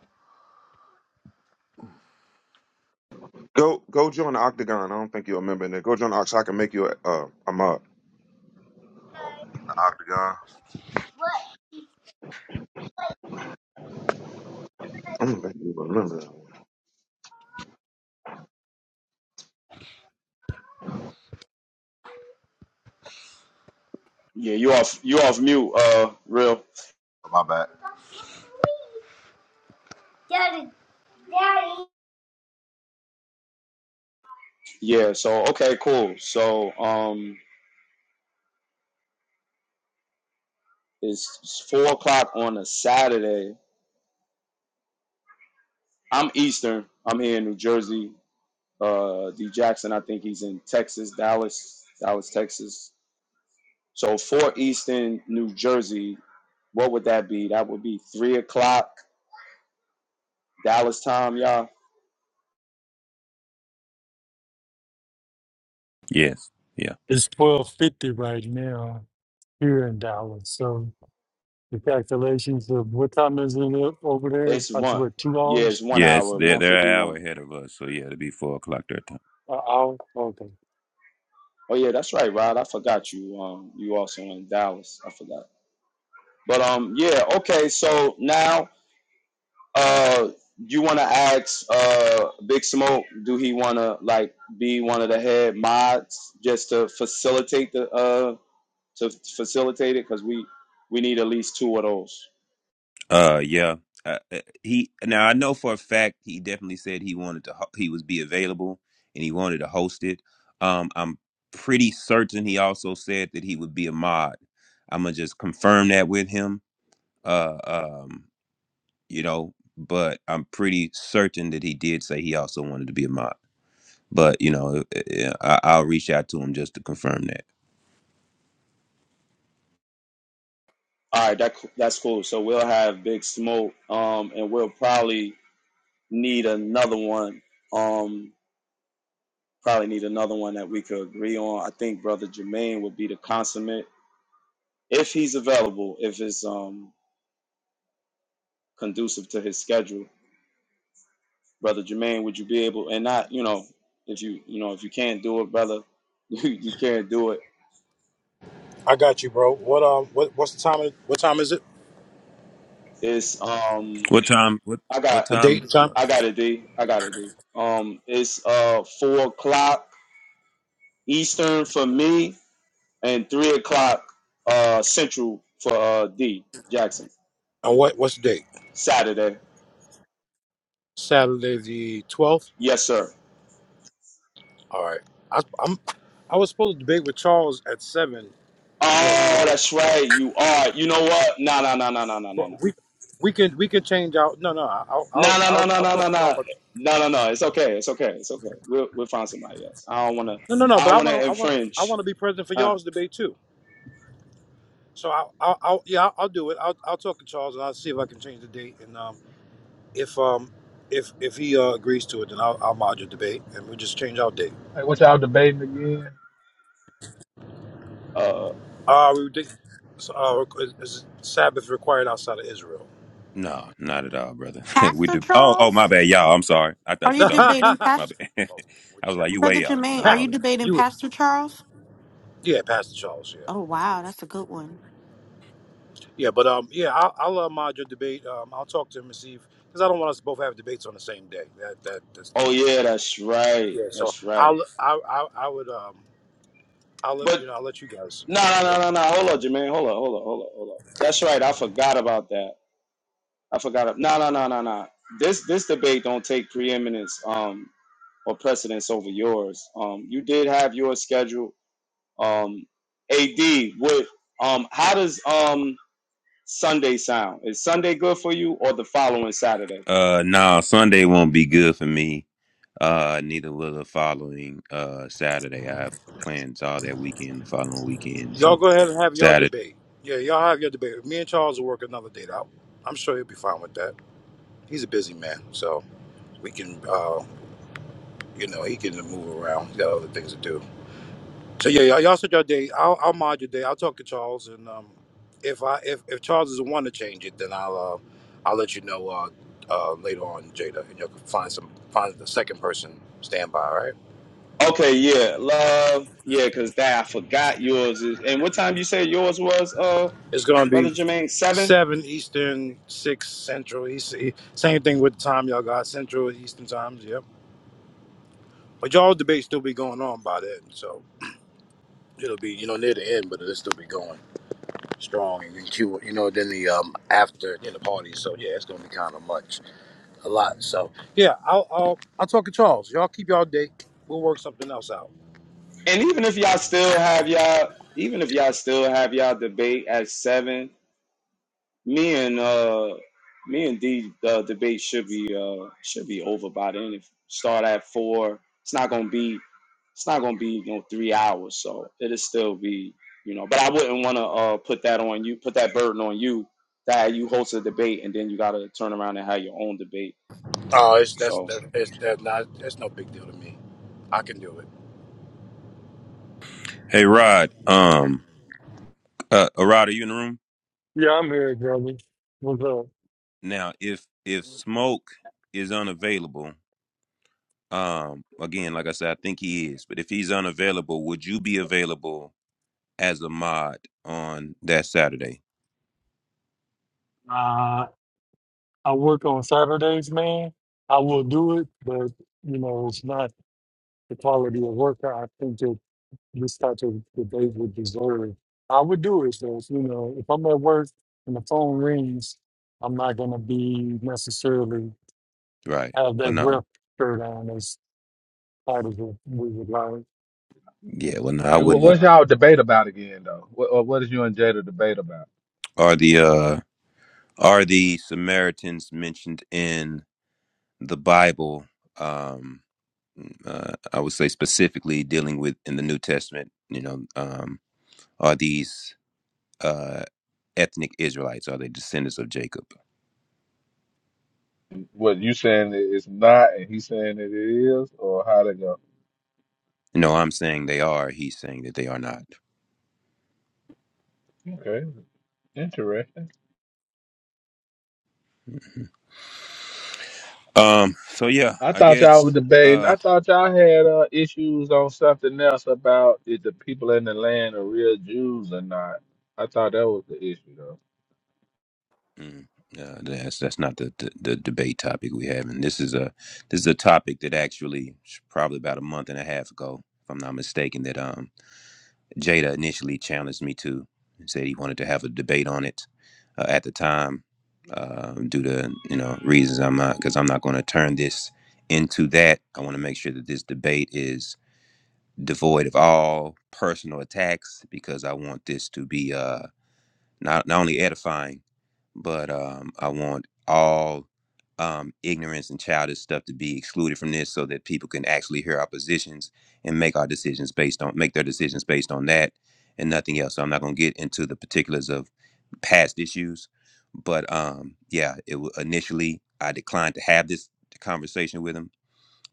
D: Go go join the Octagon. I don't think you're a member in there. Go join the Octagon so I can make you a, uh, a mod.
B: The octagon.
D: I don't think you're a member.
A: Yeah, you off you off mute. Uh, real.
B: My bad. Daddy, daddy.
A: Yeah. So okay, cool. So um, it's four o'clock on a Saturday I'm Eastern. I'm here in New Jersey. Uh, D Jackson, I think he's in Texas, Dallas, Dallas, Texas. So for Eastern New Jersey, what would that be? That would be three o'clock Dallas time, y'all.
H: Yes. Yeah.
F: It's twelve fifty right now here in Dallas. So the calculations of what time is it up over there?
A: It's
F: About
A: one.
F: what two
A: Yeah, it's
F: hours?
A: one
H: Yes.
A: hour,
H: They're
A: one
H: they're an
A: fifty
H: hour
A: one.
H: ahead of us. So yeah, it'll be four o'clock their time.
F: An hour? Okay.
A: Oh yeah, that's right, Rod. I forgot you. Um, you also in Dallas. I forgot. But um, yeah. Okay. So now Uh, you want to ask uh Big Smoke? Do he want to like be one of the head mods just to facilitate the uh to facilitate it? Cause we we need at least two of those.
H: Uh, yeah. Uh, uh, he now I know for a fact he definitely said he wanted to ho- he was be available and he wanted to host it. Um, I'm pretty certain he also said that he would be a mod. I'm gonna just confirm that with him. Uh, um, you know, but I'm pretty certain that he did say he also wanted to be a mod. But you know, I, I- I'll reach out to him just to confirm that.
A: All right, that that's cool. So we'll have Big Smoke. Um, and we'll probably need another one. Um, probably need another one that we could agree on. I think Brother Jermaine would be the consummate if he's available. If it's um conducive to his schedule brother Jermaine, would you be able and not, you know, if you you know if you can't do it, brother, you, you can't do it.
I: I got you, bro. What um, what what's the time? Of, what time is it?
A: It's um
H: What time? What
A: I
H: what
A: got
I: The date
H: time?
I: and
H: Uh,
I: time,
A: I got it D. I got it D. Um it's uh four o'clock Eastern for me and three o'clock uh central for uh D Jackson.
I: and what what's the date?
A: Saturday.
I: Saturday the twelfth.
A: Yes, sir.
I: All right. I, I'm. I was supposed to debate with Charles at seven that
A: Oh,
I: day,
A: that's right. You are. You know what? No, no, no, no, no, no, no, no.
I: but we we can we can change out. No, no. I'll I'll
A: No, no, no,
I: I'll,
A: no,
I: I'll
A: no,
I: talk
A: no,
I: to Charles.
A: no,
I: About,
A: no, no, no. It's okay. It's okay. It's okay. We'll we'll find somebody else. I don't wanna.
I: no, no, no.
A: I
I: But I
A: don't
I: want
A: wanna
I: to I want I want
A: infringe.
I: to be present for
A: Huh?
I: y'all's debate too. So i I'll, I'll yeah I'll, I'll do it. I'll I'll talk to Charles and I'll see if I can change the date and um if um if if he uh, agrees to it then I'll I'll mod your debate and we just change our date.
J: Hey, what y'all debating again?
A: Uh.
I: Uh, we did, so, uh, is is Sabbath required outside of Israel?
H: no, not at all, brother. we
E: Pastor
H: do. Oh, oh, my
E: Charles?
H: bad, y'all. I'm sorry. I
E: Are
H: thought you
E: you
H: were
I: well,
H: talking to me.
E: debating
H: My
E: Pastor
H: bad.
I: we
H: I was
I: just
H: like,
I: have to
H: you
E: Brother
I: wait.
H: way off.
E: Jermaine,
H: No,
E: are
I: For
H: my
E: you
H: bad.
E: debating
I: you,
E: Pastor Charles?
I: yeah, Pastor Charles,
E: Oh
I: yeah,
E: wow, that's a good one.
I: yeah, but um, yeah, I'll, I'll uh, mod your debate. Um, I'll talk to him and see if because I don't want us to both have debates on the same day. That that that's you know
A: Oh
I: what I mean.
A: yeah, that's right.
I: Yeah, so
A: That's right.
I: I'll I I, I would um I'll let- you
A: But
I: know I'll let you guys.
A: no, no,
I: Yeah,
A: no, no, no. Hold on, Jermaine. Hold on. Hold on. Hold on. Hold on. That's right. I forgot about that. I forgot. ab- No, no, no, no, no. This this debate don't take preeminence um or precedence over yours. Um, you did have your schedule. Um, AD. What? Um, how does um Sunday sound. Is Sunday good for you or the following Saturday?
H: Uh, no, Sunday won't be good for me. Uh, neither will the following uh Saturday. I have plans all that weekend, the following weekend.
I: y'all
H: So
I: go ahead and have your
H: Saturday.
I: debate. Yeah, y'all have your debate. Me and Charles will work another date out. I'm sure he'll be fine with that. He's a busy man, so we can. uh. You know, he can move around. He's got other things to do. So yeah, y'all, y'all set your day. I'll, I'll mod your day. I'll talk to Charles, and um, if I if, if Charles doesn't want to change it, then I'll uh, I'll let you know uh, uh, later on, Jada, and you'll find some find the second person standby. All right.
A: Okay, yeah, love, yeah, cause that I forgot yours is. And what time you said yours was, uh,
I: It's gonna
A: brother
I: be
A: Jermaine? Seven.
I: seven Eastern, six Central. East, e- same thing with the time y'all got Central and Eastern times. Yep. But y'all debate still be going on by then, so it'll be you know near the end, but it'll still be going. strong and cute, you know, than the um after than the party. So yeah, it's gonna be kind of much, a lot. So yeah, I'll I'll I'll talk to Charles. Y'all keep y'all date. We'll work something else out.
A: And even if y'all still have y'all, even if y'all still have y'all debate at seven, Me and uh, me and D uh, debate should be uh, should be over by then. If start at four, it's not gonna be it's not gonna be you know three hours, so it'll still be you know. But I wouldn't want to uh, put that on you, put that burden on you that you host a debate and then you gotta turn around and have your own debate.
I: Oh, it's that's
A: So
I: that's that's, that's not that's no big deal to me. I can do it.
H: Hey, Rod. Um, uh, Rod, are you in the room
F: Yeah, I'm here, brother. What's
H: now? If if smoke is unavailable Um, again, like I said, I think he is. But if he's unavailable, would you be available as a mod on that Saturday?
F: up? I work on Saturdays, man. I will do it, but you know, it's not the quality of work that I think that this type of debate would deserve. I would do it though, you know, if I'm at work and the phone rings, I'm not gonna be necessarily
H: Right.
F: have
H: Well,
F: that
H: no.
F: rep shirt on as tight as we we would like.
H: Yeah. Well, no, I
J: Hey, what,
H: wouldn't want.
J: what's y'all debate about again, though? What, or what is you and Jada debate about?
H: Are the uh are the Samaritans mentioned in the Bible? Um, uh, I would say specifically dealing with in the New Testament. You know, um, are these uh ethnic Israelites? Are they descendants of Jacob?
J: What you saying it- it's not, and he saying it is, or how they go?
H: No, I'm saying they are. He's saying that they are not.
J: Okay, interesting.
H: Um. So yeah,
J: I
H: I
J: thought y'all were
H: guess.
J: debating.
H: Uh.
J: I thought y'all had uh, issues on something else about if the people in the land are real Jews or not. I thought that was the issue, though.
H: mm, uh, that's that's not the, the the debate topic we have, and this is a this is a topic that actually sh- probably about a month and a half ago, if I'm not mistaken, that um Jada initially challenged me to and said he wanted to have a debate on it. Uh, at the time, uh, due to you know reasons, I'm not because I'm not going to turn this into that. I want to make sure that this debate is devoid of all personal attacks because I want this to be. uh. not not only edifying, but um, I want all um, ignorance and childish stuff to be excluded from this, so that people can actually hear our positions and make our decisions based on make their decisions based on that and nothing else. So I'm not going to get into the particulars of past issues, but um, yeah, it wa- initially I declined to have this conversation with him,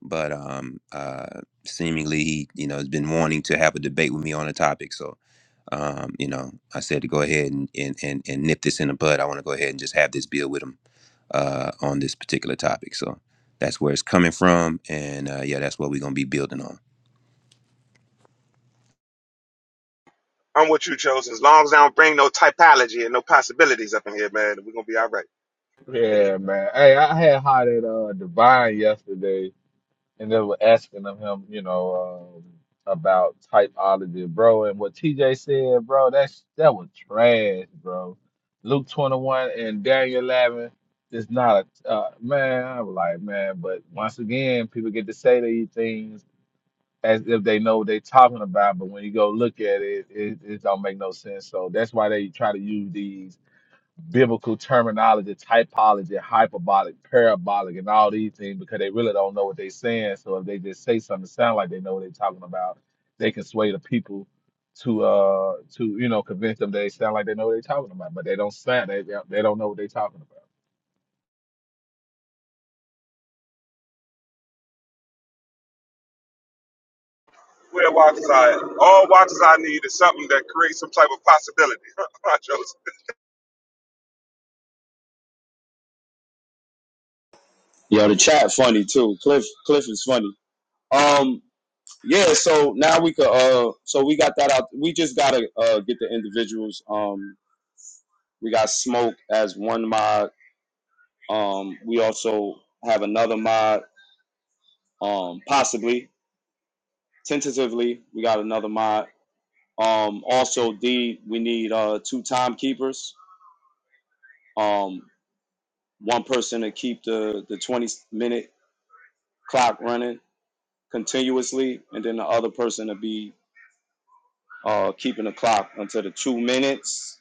H: but um, uh, seemingly he you know has been wanting to have a debate with me on a topic, so um, you know, I said to go ahead and, and, and, and nip this in the bud. I want to go ahead and just have this bill with him uh, on this particular topic. So that's where it's coming from. And uh, yeah, that's what we're going to be building on.
D: I'm with you, Chosen. As long as I don't bring no typology and no possibilities up in here, man, we're going to be all right.
J: Yeah, man. Hey, I had hot at uh, Divine yesterday. and they were asking of him, you know, um, about typology, bro. And what TJ said, bro, that's that was trash, bro. Luke 21 and Daniel 11 is not a uh, man. I was like, man, but once again, people get to say these things as if they know what they're talking about, but when you go look at it, it, it don't make no sense. So that's why they try to use these biblical terminology, typology, hyperbolic, parabolic, and all these things because they really don't know what they're saying. So if they just say something that sound like they know what they're talking about, they can sway the people to uh to you know convince them they sound like they know what they're talking about, but they don't sound they they don't know what they're talking about.
D: We're Walter's Eye. All Walter's I need is something that creates some type of possibility. Chosen.
A: yeah, the chat funny too. Cliff Cliff is funny. Um yeah, so now we could uh so we got that out. We just gotta uh get the individuals. um. We got Smoke as one mod. Um, we also have another mod. Um, possibly, tentatively, we got another mod. Um, also, D, we need uh, two timekeepers. Um, one person to keep the the 20 minute clock running continuously, and then the other person to be uh, keeping the clock until the two minutes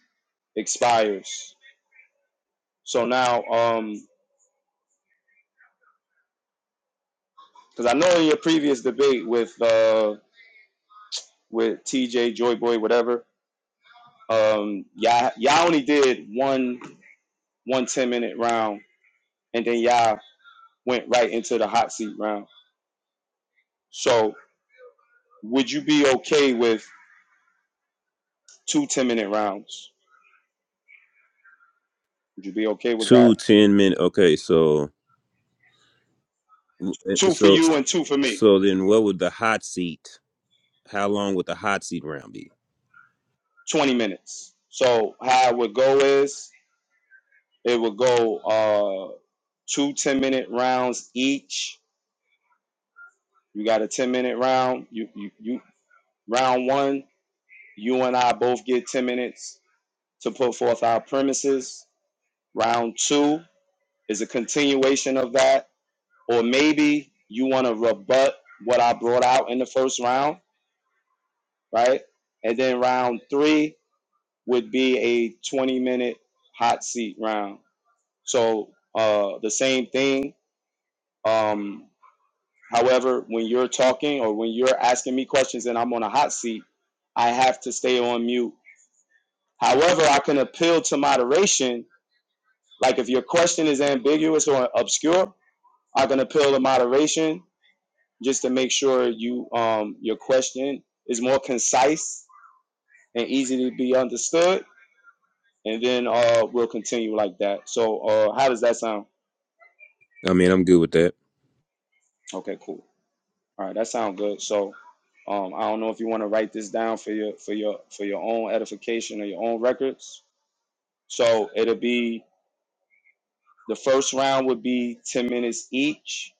A: expires. So now, um, because I know in your previous debate with uh, with TJ Joy Boy, whatever, Um, y'all, y'all only did one one ten minute round, and then y'all went right into the hot seat round. So, would you be okay with two ten minute rounds? Would you be okay with
H: Two
A: that?
H: ten minute. Okay, so
A: Two for
H: so
A: you and two for me,
H: so then, what would the hot seat? How long would the hot seat round be?
A: 20 minutes. So, how it would go is it would go uh, two ten minute rounds each. You got a 10 minute round. You, you, you round one, you and I both get 10 minutes to put forth our premises Round two is a continuation of that, or maybe you want to rebut what I brought out in the first round, right? And then round three would be a 20 minute hot seat round. So uh, the same thing. Um, however, when you're talking or when you're asking me questions and I'm on a hot seat, I have to stay on mute. However, I can appeal to moderation. Like if your question is ambiguous or obscure, I can appeal to moderation just to make sure you um, your question is more concise and easy to be understood. And then uh, we'll continue like that. So uh, how does that sound?
H: I mean, I'm good with that.
A: Okay, cool. All right, that sounds good. So um, I don't know if you want to write this down for your for your for your own edification or your own records. So it'll be the first round would be ten minutes each.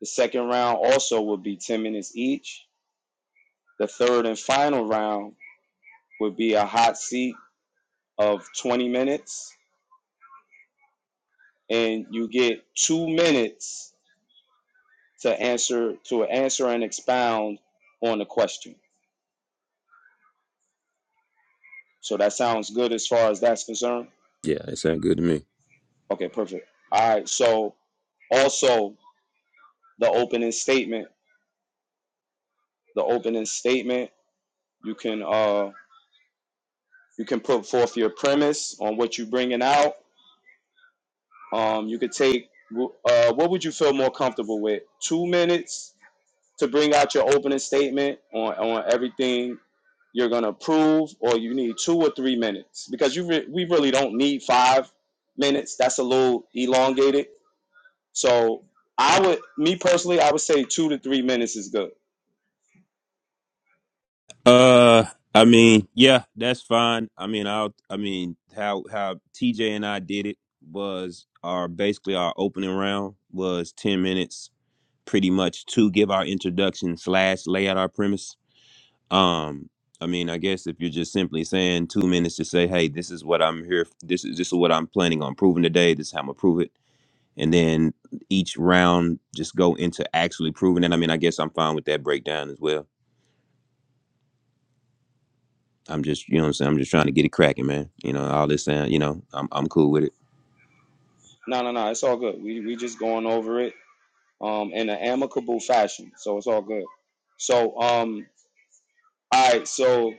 A: The second round also would be ten minutes each. The third and final round would be a hot seat of twenty minutes and you get two minutes to answer to answer and expound on the question. So that sounds good as far as that's concerned.
H: Yeah, it sounds good to me.
A: Okay, perfect. All right. So also the opening statement. The opening statement. You can uh you can put forth your premise on what you're bringing out. Um, you could take uh what would you feel more comfortable with? Two minutes to bring out your opening statement on on everything you're gonna prove, or you need two or three minutes because you re- we really don't need five minutes. That's a little elongated. So I would, me personally, I would say two to three minutes is good.
H: Uh, I mean, yeah, that's fine. I mean, I'll. I mean, how how TJ and I did it was our basically our opening round was ten minutes, pretty much to give our introduction slash lay out our premise. Um, I mean, I guess if you're just simply saying two minutes to say, hey, this is what I'm here. This is this is what I'm planning on proving today. This is how I'm gonna prove it, and then each round just go into actually proving it. I mean, I guess I'm fine with that breakdown as well. I'm just, you know what I'm saying? I'm just trying to get it cracking, man. You know, all this sound, you know, I'm I'm cool with it.
A: No, no, no, it's all good. We we just going over it um in an amicable fashion, so it's all good. So um All right, so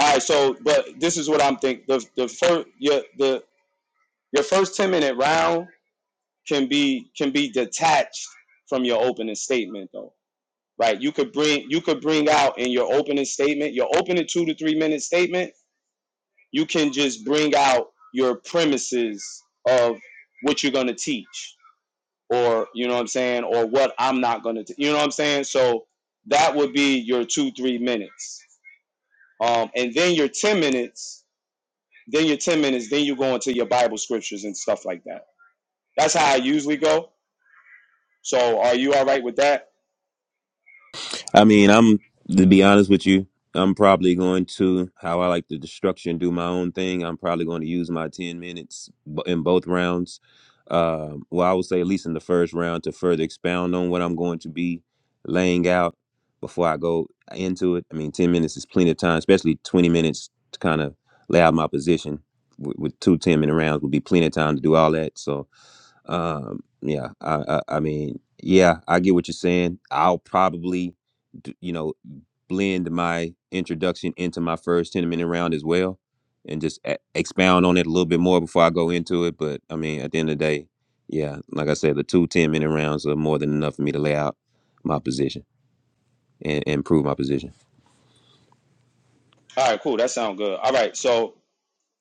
A: all right, so but this is what I'm thinking. The the first your the your first ten minute round can be can be detached from your opening statement though, right? You could bring you could bring out in your opening statement, your opening two to three minute statement. You can just bring out your premises of what you're gonna teach, or you know what I'm saying, or what I'm not gonna, t- you know what I'm saying. So that would be your two three minutes, um, and then your ten minutes then your 10 minutes, then you go into your Bible scriptures and stuff like that. That's how I usually go. So are you all right with that?
H: I mean, I'm to be honest with you, I'm probably going to how I like to destruction do my own thing. I'm probably going to use my 10 minutes b- in both rounds. Um, well, I would say at least in the first round to further expound on what I'm going to be laying out before I go into it. I mean, 10 minutes is plenty of time, especially 20 minutes to kind of lay out my position with, with two ten minute rounds would be plenty of time to do all that. So, Um, yeah, I, I, I mean, yeah, I get what you're saying. I'll probably, d- you know, blend my introduction into my first 10 minute round as well and just e- expound on it a little bit more before I go into it. But I mean, at the end of the day, yeah, like I said, the two 10 minute rounds are more than enough for me to lay out my position and and prove my position.
A: All right, cool. That sounds good. All right, so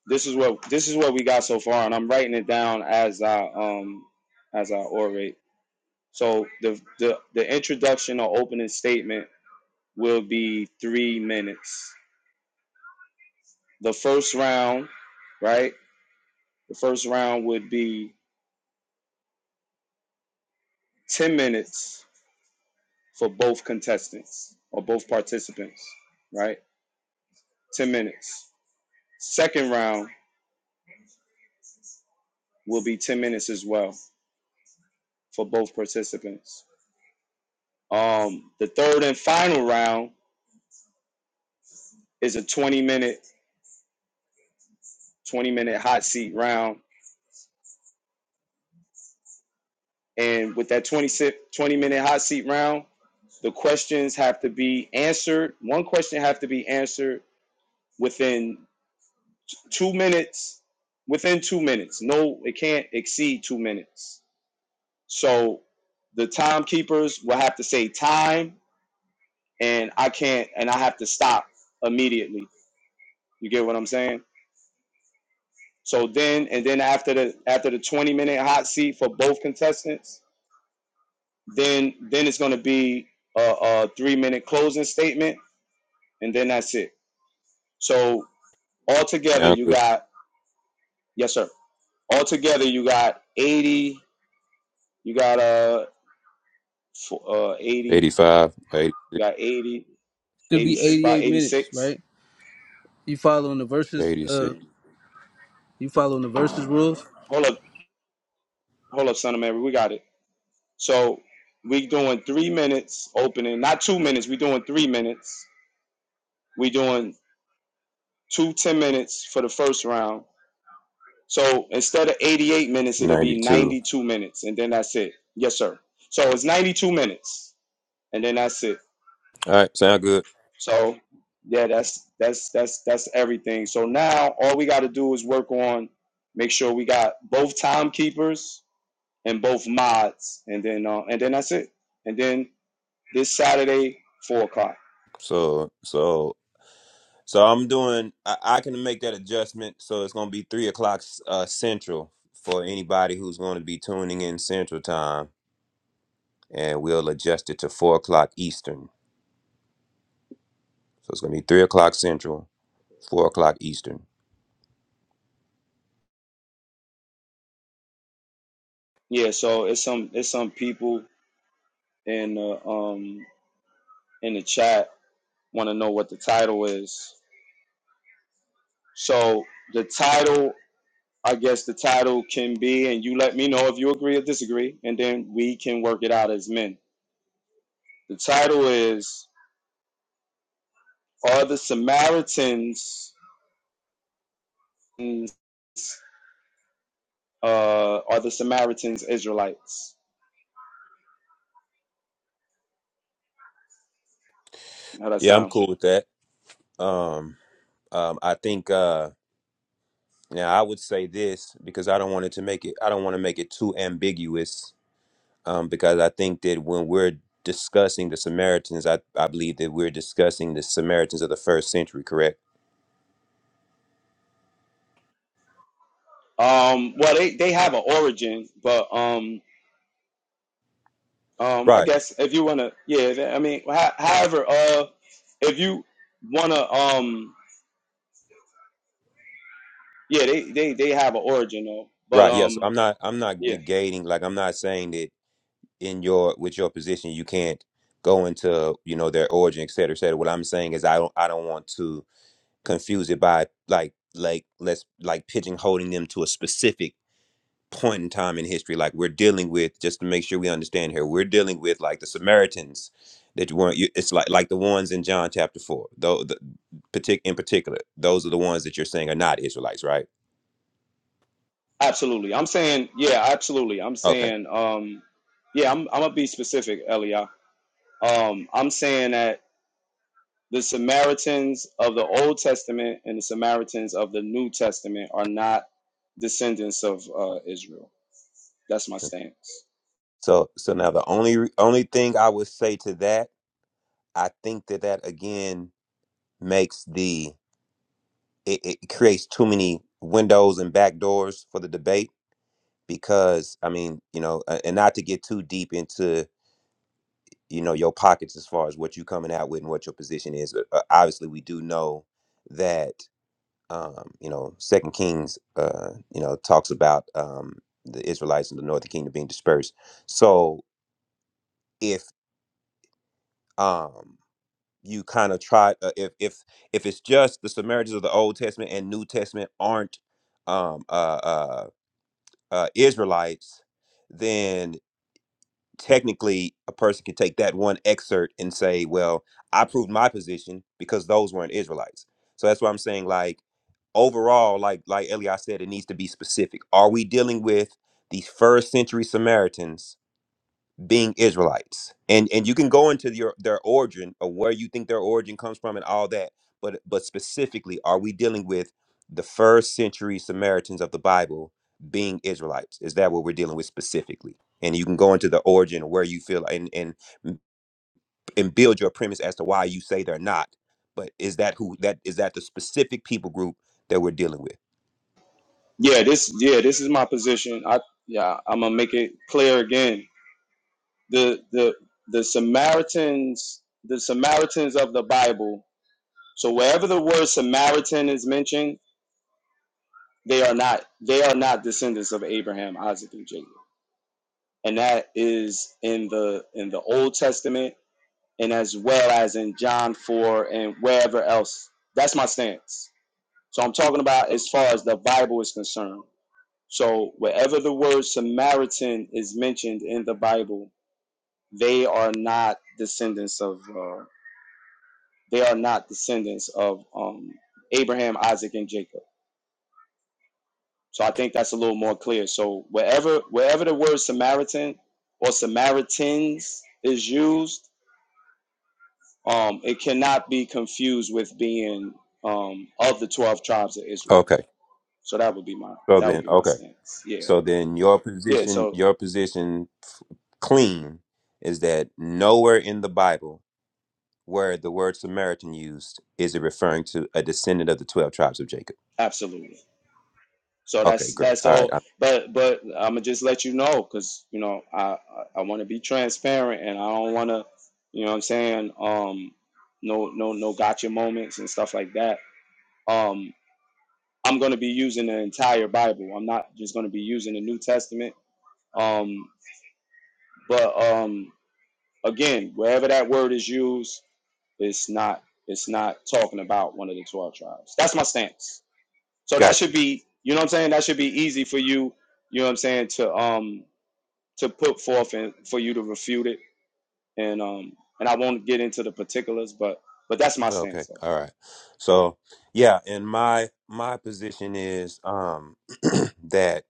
A: this is what this is what we got so far, and I'm writing it down as I um as I orate. So the the, the introduction or opening statement will be three minutes. The first round, right? The first round would be ten minutes for both contestants or both participants, right? Ten minutes Second round will be 10 minutes as well for both participants. Um, the third and final round is a 20 minute 20 minute hot seat round. And with that 20, si- 20 minute hot seat round, the questions have to be answered. One question have to be answered within two minutes. Within two minutes. No, it can't exceed two minutes. So the timekeepers will have to say time and I can't and I have to stop immediately. You get what I'm saying? So then and then after the after the 20 minute hot seat for both contestants, then then it's going to be a, a 3 minute closing statement and then that's it. So altogether you got yes sir. Altogether you got 80 you got uh, uh
H: 80,
A: 80 you got 80
K: Should
A: 80
K: be
A: about
K: 88 minutes,
A: 86.
K: right? You following the verses?
H: 86,
K: Uh, you following the verses rules?
A: Hold up. Hold up son of Mary, we got it. So we doing three minutes opening, not two minutes. We doing three minutes. We doing two ten minutes for the first round. So instead of 88 minutes, it'll be
H: 92.
A: 92 minutes, and then that's it. Yes, sir. So it's 92 minutes, and then that's it.
H: All right, sound good.
A: So yeah, that's that's that's that's everything. So now all we got to do is work on make sure we got both timekeepers and both mods, and then uh, and then that's it. And then this Saturday, four o'clock.
H: So, so So I'm doing. I, I can make that adjustment. So it's gonna be three o'clock uh, central for anybody who's going to be tuning in central time, and we'll adjust it to four o'clock eastern. So it's gonna be three o'clock central, four o'clock eastern.
A: Yeah, so it's some it's some people in the um in the chat want to know what the title is. So the title, I guess the title can be, and you let me know if you agree or disagree, and then we can work it out as men. The title is: Are the Samaritans uh are the Samaritans Israelites? How that
H: Yeah, I'm
A: sound?
H: cool with that. Um, um, I think. Uh, now I would say this because I don't want it to make it. I don't want to make it too ambiguous. Um, because I think that when we're discussing the Samaritans, I, I believe that we're discussing the Samaritans of the first century, correct?
A: Um, well, they they have an origin, but um Um, I
H: Right.
A: guess if you wanna, yeah. that- I mean, ho- however, uh, if you wanna, um, yeah, they they they have an origin though. But
H: Right. Yeah. So
A: um,
H: I'm not. I'm not
A: yeah,
H: negating. Like I'm not saying that in your with your position you can't go into you know their origin, et cetera, et cetera. What I'm saying is I don't. I don't want to confuse it by like like let's like pigeonholing them to a specific point in time in history. Like we're dealing with just to make sure we understand here. We're dealing with like the Samaritans that you weren't. You, it's like like the ones in John chapter four. Though the partic in particular, those are the ones that you're saying are not Israelites, right?
A: absolutely. I'm saying, yeah, absolutely. I'm
H: Okay.
A: saying, um, yeah, I'm I'm gonna be specific, Elia. Um, I'm saying that the Samaritans of the Old Testament and the Samaritans of the New Testament are not descendants of uh, Israel. That's my stance.
H: So so now the only only thing I would say to that, I think that that again makes the it, it creates too many windows and back doors for the debate because I mean you know a- and not to get too deep into you know your pockets as far as what you're coming out with and what your position is. But uh, obviously we do know that um, you know Second Kings uh, you know talks about um, the Israelites and the Northern Kingdom being dispersed. So if um you kind of try uh, if if if it's just the Samaritans of the Old Testament and New Testament aren't um, uh, uh, uh, Israelites, then technically a person can take that one excerpt and say, "Well, I proved my position because those weren't Israelites." So that's why I'm saying, like overall, like like Eli said, it needs to be specific. Are we dealing with these first century Samaritans? being Israelites. And and you can go into your their origin or where you think their origin comes from and all that. But but specifically, are we dealing with the first century Samaritans of the Bible being Israelites? Is that what we're dealing with specifically? And you can go into the origin of where you feel and, and and build your premise as to why you say they're not. But is that who that is that the specific people group that we're dealing with?
A: Yeah, this yeah, this is my position. I yeah, I'm gonna make it clear again. The the the Samaritans, the Samaritans of the Bible. So wherever the word Samaritan is mentioned, they are not they are not descendants of Abraham, Isaac, and Jacob. And that is in the in the Old Testament and as well as in John 4 and wherever else. That's my stance. So I'm talking about as far as the Bible is concerned. So wherever the word Samaritan is mentioned in the Bible, they are not descendants of uh, they are not descendants of um, Abraham, Isaac, and Jacob. So I think that's a little more clear. So wherever wherever the word Samaritan or Samaritans is used, um, it cannot be confused with being um, of the twelve tribes of Israel.
H: Okay.
A: So that would be my
H: So
A: that would
H: then,
A: be my
H: okay.
A: stance. Yeah,
H: So then, your
A: yeah.
H: position,
A: So
H: your position, f- clean, is that nowhere in the Bible word the word Samaritan used, is it referring to a descendant of the 12 tribes of Jacob?
A: absolutely. So
H: Okay,
A: that's
H: great.
A: that's
H: All right.
A: all.
H: I
A: But but I'm gonna just let you know because you know I I I want to be transparent and I don't want to you know what I'm saying um no no no gotcha moments and stuff like that. Um, I'm gonna be using the entire Bible. I'm not just gonna be using the New Testament. Um, but um again, wherever that word is used, it's not it's not talking about one of the twelve tribes. That's my stance. So that
H: got
A: should
H: you.
A: be, you know what I'm saying? That should be easy for you, you know what I'm saying, to um to put forth and for you to refute it. And um and I won't get into the particulars, but but that's my
H: Okay.
A: stance though.
H: All right. So, yeah, and my my position is um that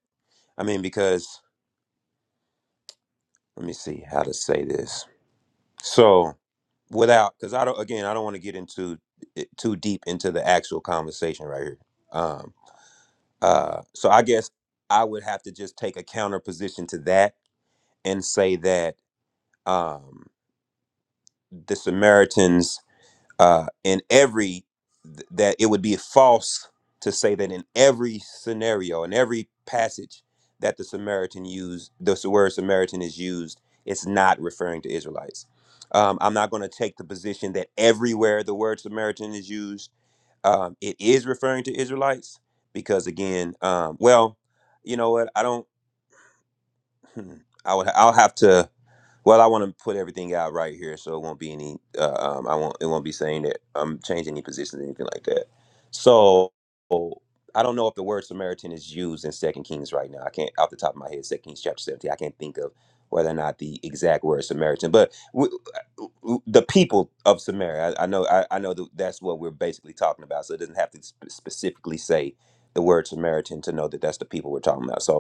H: I mean because let me see how to say this. So, without cuz I don't again, I don't want to get into it too deep into the actual conversation right here. Um uh so I guess I would have to just take a counter position to that and say that Um. the Samaritans uh, in every th- that it would be false to say that in every scenario, in every passage that the Samaritan used, the s- word Samaritan is used, it's not referring to Israelites. Um, I'm not going to take the position that everywhere the word Samaritan is used, um, it is referring to Israelites, because again, um, well, you know what? I don't. Hmm. I would. I'll have to. Well, I want to put everything out right here, so it won't be any. Uh, um, I won't. It won't be saying that I'm changing any positions or anything like that. So I don't know if the word Samaritan is used in Second Kings right now. I can't, off the top of my head, Second Kings chapter 17. I can't think of whether or not the exact word Samaritan, but w- w- the people of Samaria. I, I know. I, I know that that's what we're basically talking about. So it doesn't have to sp- specifically say the word Samaritan to know that that's the people we're talking about. So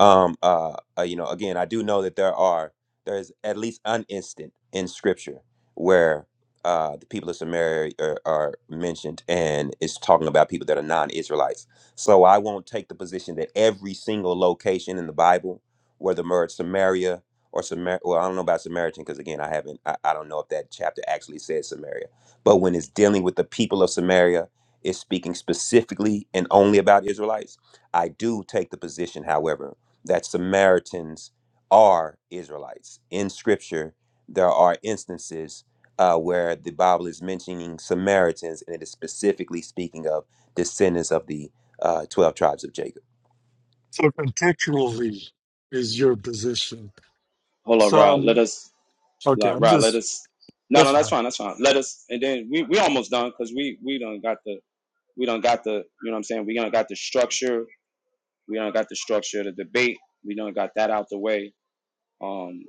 H: um uh, uh you know again i do know that there are there is at least an instant in scripture where uh the people of samaria are, are mentioned and it's talking about people that are non-israelites so i won't take the position that every single location in the bible where the word samaria or Samar, well, I don't know about Samaritan because again, I haven't, I, I don't know if that chapter actually says Samaria. But when it's dealing with the people of Samaria, it's speaking specifically and only about Israelites. I do take the position, however, that Samaritans are Israelites. In Scripture, there are instances uh, where the Bible is mentioning Samaritans, and it is specifically speaking of descendants of the uh, twelve tribes of Jacob.
F: So contextually is your position.
A: Hold on, Rod.
F: Some
A: Let us
F: okay,
A: like
F: I'm
A: Rod, let
F: just
A: us no
F: that's
A: no that's
F: fine.
A: fine, that's fine. Let us and then we we almost done because we we done got the we done got the you know what I'm saying, we done got the structure, we done got the structure of the debate, we done got that out the way. Um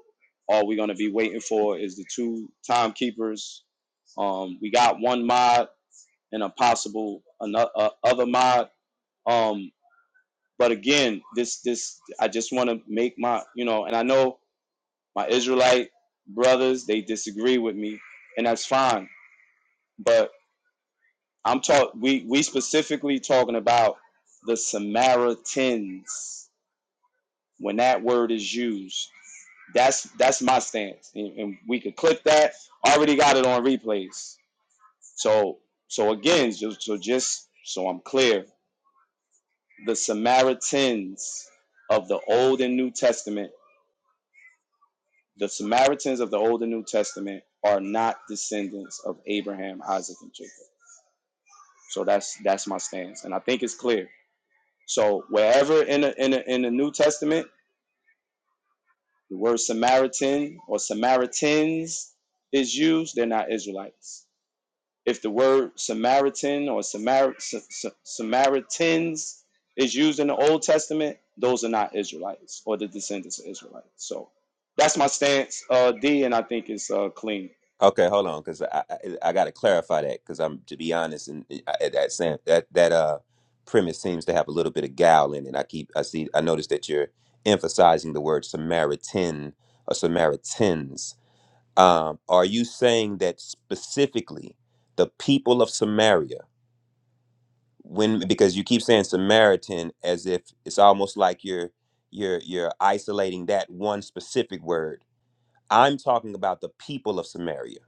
A: all we're gonna be waiting for is the two timekeepers Um, we got one mod and a possible another uh, other mod. Um, but again, this this I just want to make my you know, and I know my Israelite brothers they disagree with me, and that's fine. But I'm talk we we specifically talking about the Samaritans when that word is used. That's that's my stance, and, and we could click that. I already got it on replays. So so again, just so just so I'm clear, the Samaritans of the Old and New Testament, the Samaritans of the Old and New Testament are not descendants of Abraham, Isaac, and Jacob. So that's that's my stance, and I think it's clear. So wherever in the in the, in the New Testament the word Samaritan or Samaritans is used, they're not Israelites. If the word Samaritan or Samar- Sa- Sa- Samaritans is used in the Old Testament, those are not Israelites or the descendants of Israelites. So that's my stance, uh, D, and I think it's uh, clean.
H: Okay, hold on, because I, I, I got to clarify that because I'm to be honest, and I, that sam- that that uh premise seems to have a little bit of gal in it. I keep I see I notice that you're emphasizing the word Samaritan or Samaritans. Um, are you saying that specifically the people of Samaria, when because you keep saying Samaritan as if it's almost like you're you're you're isolating that one specific word. I'm talking about the people of Samaria.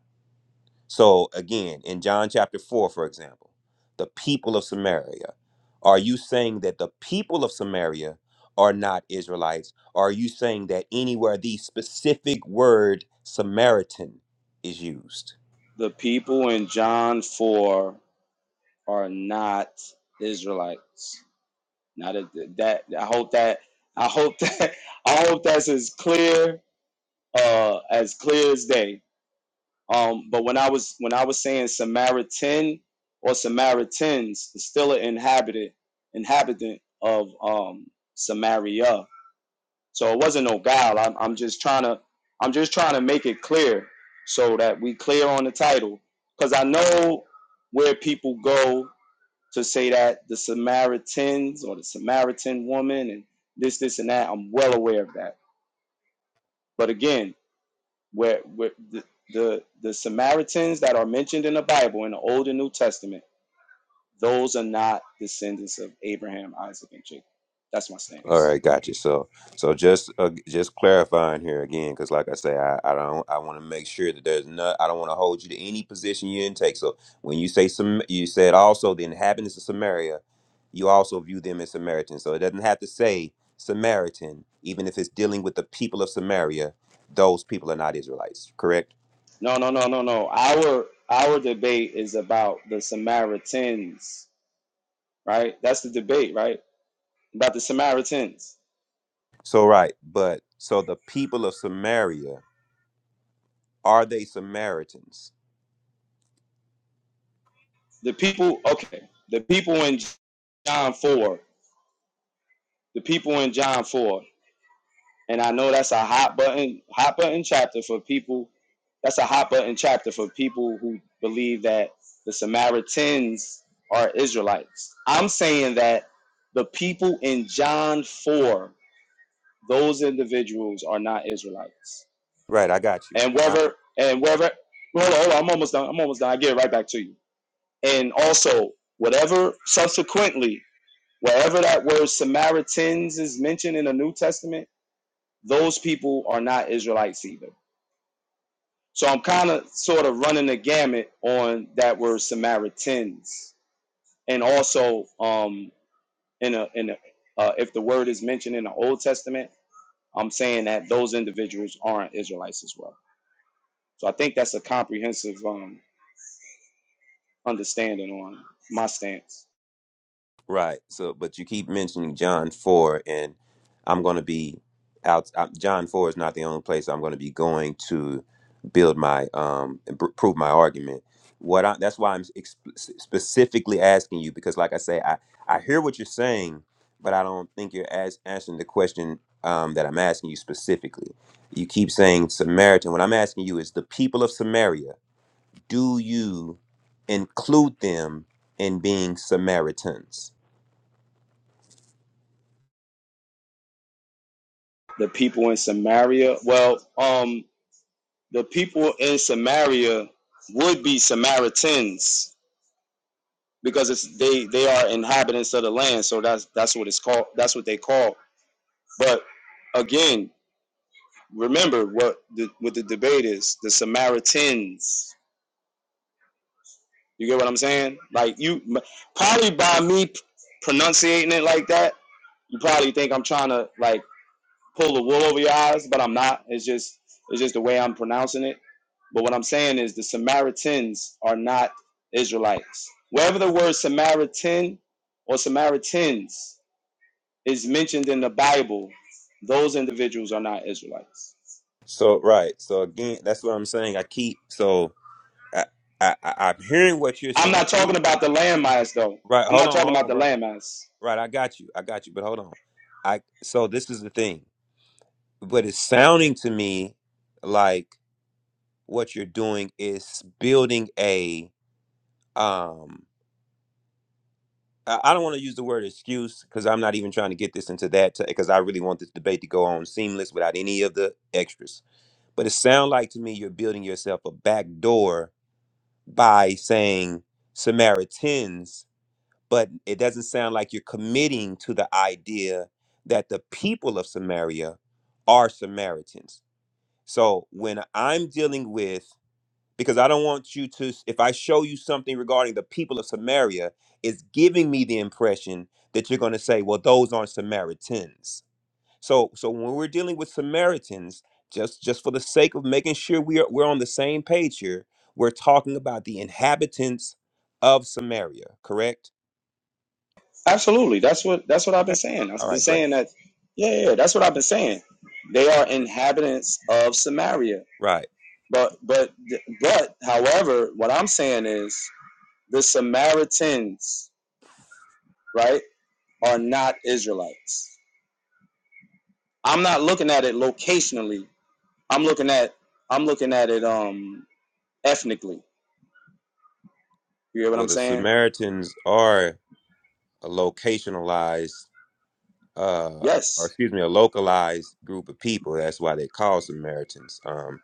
H: So again, in John chapter four, for example, the people of Samaria. Are you saying that the people of Samaria are not Israelites? Or are you saying that anywhere the specific word Samaritan is used?
A: The people in John 4 are not Israelites. Not a, that. I hope that. I hope that. I hope that's as clear uh, as clear as day Um, but when I was when I was saying Samaritan or Samaritans, it's still an inhabitant inhabitant of um, Samaria. So it wasn't no guile. I'm, I'm just trying to I'm just trying to make it clear so that we clear on the title because I know where people go to say that the Samaritans or the Samaritan woman and this this and that. I'm well aware of that. But again, where, where the, the the Samaritans that are mentioned in the Bible in the Old and New Testament, those are not descendants of Abraham, Isaac, and Jacob. That's my
H: All
A: stance.
H: right, gotcha. So, so just uh, just clarifying here again, because like I say, I, I don't I want to make sure that there's not I don't want to hold you to any position you intake. So when you say some, you said also the inhabitants of Samaria, you also view them as Samaritans. So it doesn't have to say Samaritan, even if it's dealing with the people of Samaria. Those people are not Israelites, correct?
A: No, no, no, no, no. Our our debate is about the Samaritans, right? That's the debate, right? About the Samaritans.
H: So right, but so the people of Samaria are they Samaritans?
A: The people, okay, the people in John 4, the people in John 4 and I know that's a hot button hot button chapter for people. That's a hot button chapter for people who believe that the Samaritans are Israelites. I'm saying that the people in John 4, those individuals are not Israelites.
H: Right, I got you.
A: And whether and whether hold on, hold on, I'm almost done. I'm almost done. I get it right back to you. And also, whatever subsequently, wherever that word Samaritans is mentioned in the New Testament, those people are not Israelites either. So I'm kind of sort of running the gamut on that word Samaritans, and also um, in a in a, uh, if the word is mentioned in the Old Testament, I'm saying that those individuals aren't Israelites as well. So I think that's a comprehensive um, understanding on my stance.
H: Right. So, but you keep mentioning John 4, and I'm going to be out. uh John 4 is not the only place I'm going to be going to build my, um, and pr- prove my argument. What I, that's why I'm ex- specifically asking you, because like I say, I, I hear what you're saying, but I don't think you're as answering the question um, that I'm asking you specifically. You keep saying Samaritan. What I'm asking you is the people of Samaria, do you include them in being Samaritans?
A: The people in Samaria, well, um, the people in Samaria would be Samaritans because it's they they are inhabitants of the land, so that's that's what it's called. That's what they call But again, remember what the, what the debate is: the Samaritans. You get what I'm saying? Like you, probably by me pronunciating it like that, you probably think I'm trying to like pull the wool over your eyes, but I'm not. It's just it's just the way I'm pronouncing it. But what I'm saying is the Samaritans are not Israelites. Wherever the word Samaritan or Samaritans is mentioned in the Bible, those individuals are not Israelites.
H: So right. So again, that's what I'm saying. I keep so I I, I I'm hearing what you're
A: I'm
H: saying. I
A: not
H: keep-
A: talking about the landmass though.
H: Right.
A: I'm
H: Hold
A: not
H: on.
A: talking
H: Hold
A: about
H: on,
A: the
H: bro.
A: landmass.
H: Right. I got you. I got you. But hold on. I so this is the thing. But it's sounding to me like what you're doing is building a um. I I don't want to use the word excuse because I'm not even trying to get this into that because I really want this debate to go on seamless without any of the extras. But it sounds like to me you're building yourself a back door by saying Samaritans, but it doesn't sound like you're committing to the idea that the people of Samaria are Samaritans. So when I'm dealing with, because I don't want you to, if I show you something regarding the people of Samaria, it's giving me the impression that you're going to say, well, those aren't Samaritans so so when we're dealing with Samaritans, just just for the sake of making sure we are we're on the same page here, we're talking about the inhabitants of Samaria, correct?
A: Absolutely. That's what that's what I've been
H: Okay.
A: saying.
H: All
A: I've been
H: right, great.
A: saying that yeah, yeah, that's what I've been saying. They are inhabitants of Samaria.
H: Right.
A: But but but however, what I'm saying is the Samaritans, right, are not Israelites. I'm not looking at it locationally. I'm looking at I'm looking at it um ethnically. You hear what
H: Well,
A: I'm
H: the
A: saying?
H: Samaritans are a locationalized, uh, or
A: Yes.
H: excuse me, a localized group of people. That's why they call Samaritans. Um,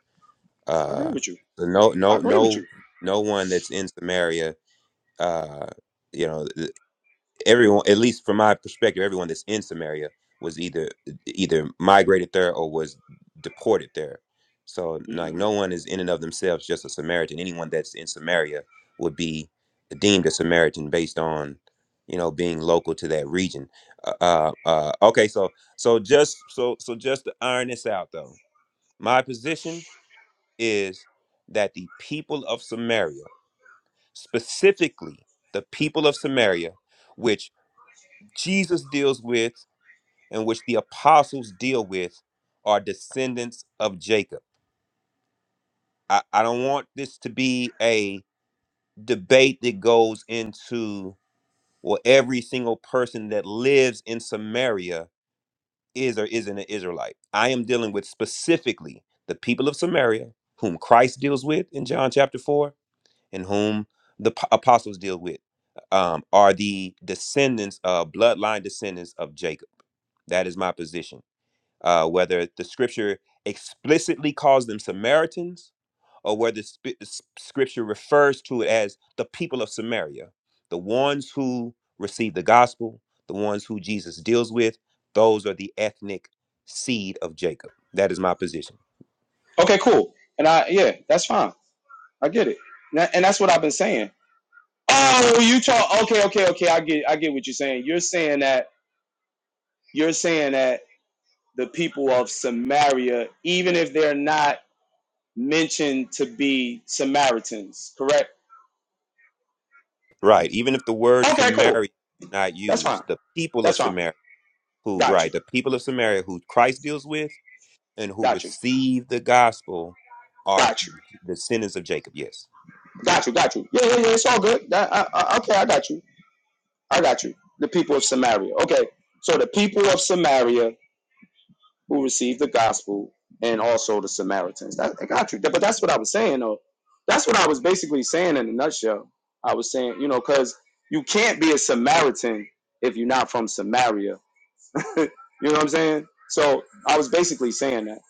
A: I agree
H: uh,
A: with you.
H: so no,
A: I
H: no,
A: agree with you.
H: no, no one that's in Samaria. Uh, you know. everyone at least from my perspective everyone that's in samaria was either either migrated there or was deported there so like
A: Mhm.
H: no one is in and of themselves just a samaritan anyone that's in samaria would be deemed a samaritan based on you know being local to that region uh uh uh, okay so so just so so just to iron this out though my position is that the people of samaria specifically the people of samaria which Jesus deals with and which the apostles deal with are descendants of Jacob. I, I don't want this to be a debate that goes into well, every single person that lives in Samaria is or isn't an Israelite. I am dealing with specifically the people of Samaria, whom Christ deals with in John chapter 4, and whom the p- apostles deal with, um, are the descendants of bloodline descendants of Jacob. That is my position uh, whether the scripture explicitly calls them Samaritans or whether sp- s- scripture refers to it as the people of Samaria, the ones who receive the gospel, the ones who Jesus deals with, those are the ethnic seed of Jacob. That is my position.
A: Okay, cool. And I, yeah, that's fine. I get it. And that- and that's what I've been saying. Oh, you talk. Okay, okay, okay. I get, I get what you're saying. You're saying that, you're saying that the people of Samaria, even if they're not mentioned to be Samaritans, correct?
H: Right. Even if the word
A: Okay,
H: Samaria
A: cool.
H: is not
A: That's fine.
H: used, the people of
A: That's fine.
H: Samaria who
A: Got
H: right,
A: you.
H: the people of Samaria who Christ deals with and who
A: Got you.
H: receive the gospel are
A: Got you.
H: the descendants of Jacob. Yes.
A: Got you. Got you. Yeah, yeah, yeah. It's all good. That- I, I, okay, I got you. I got you. The people of Samaria. Okay. So the people of Samaria who received the gospel and also the Samaritans. That, I got you. But that's what I was saying, though. That's what I was basically saying in a nutshell. I was saying, you know, because you can't be a Samaritan if you're not from Samaria. you know what I'm saying? So I was basically saying that.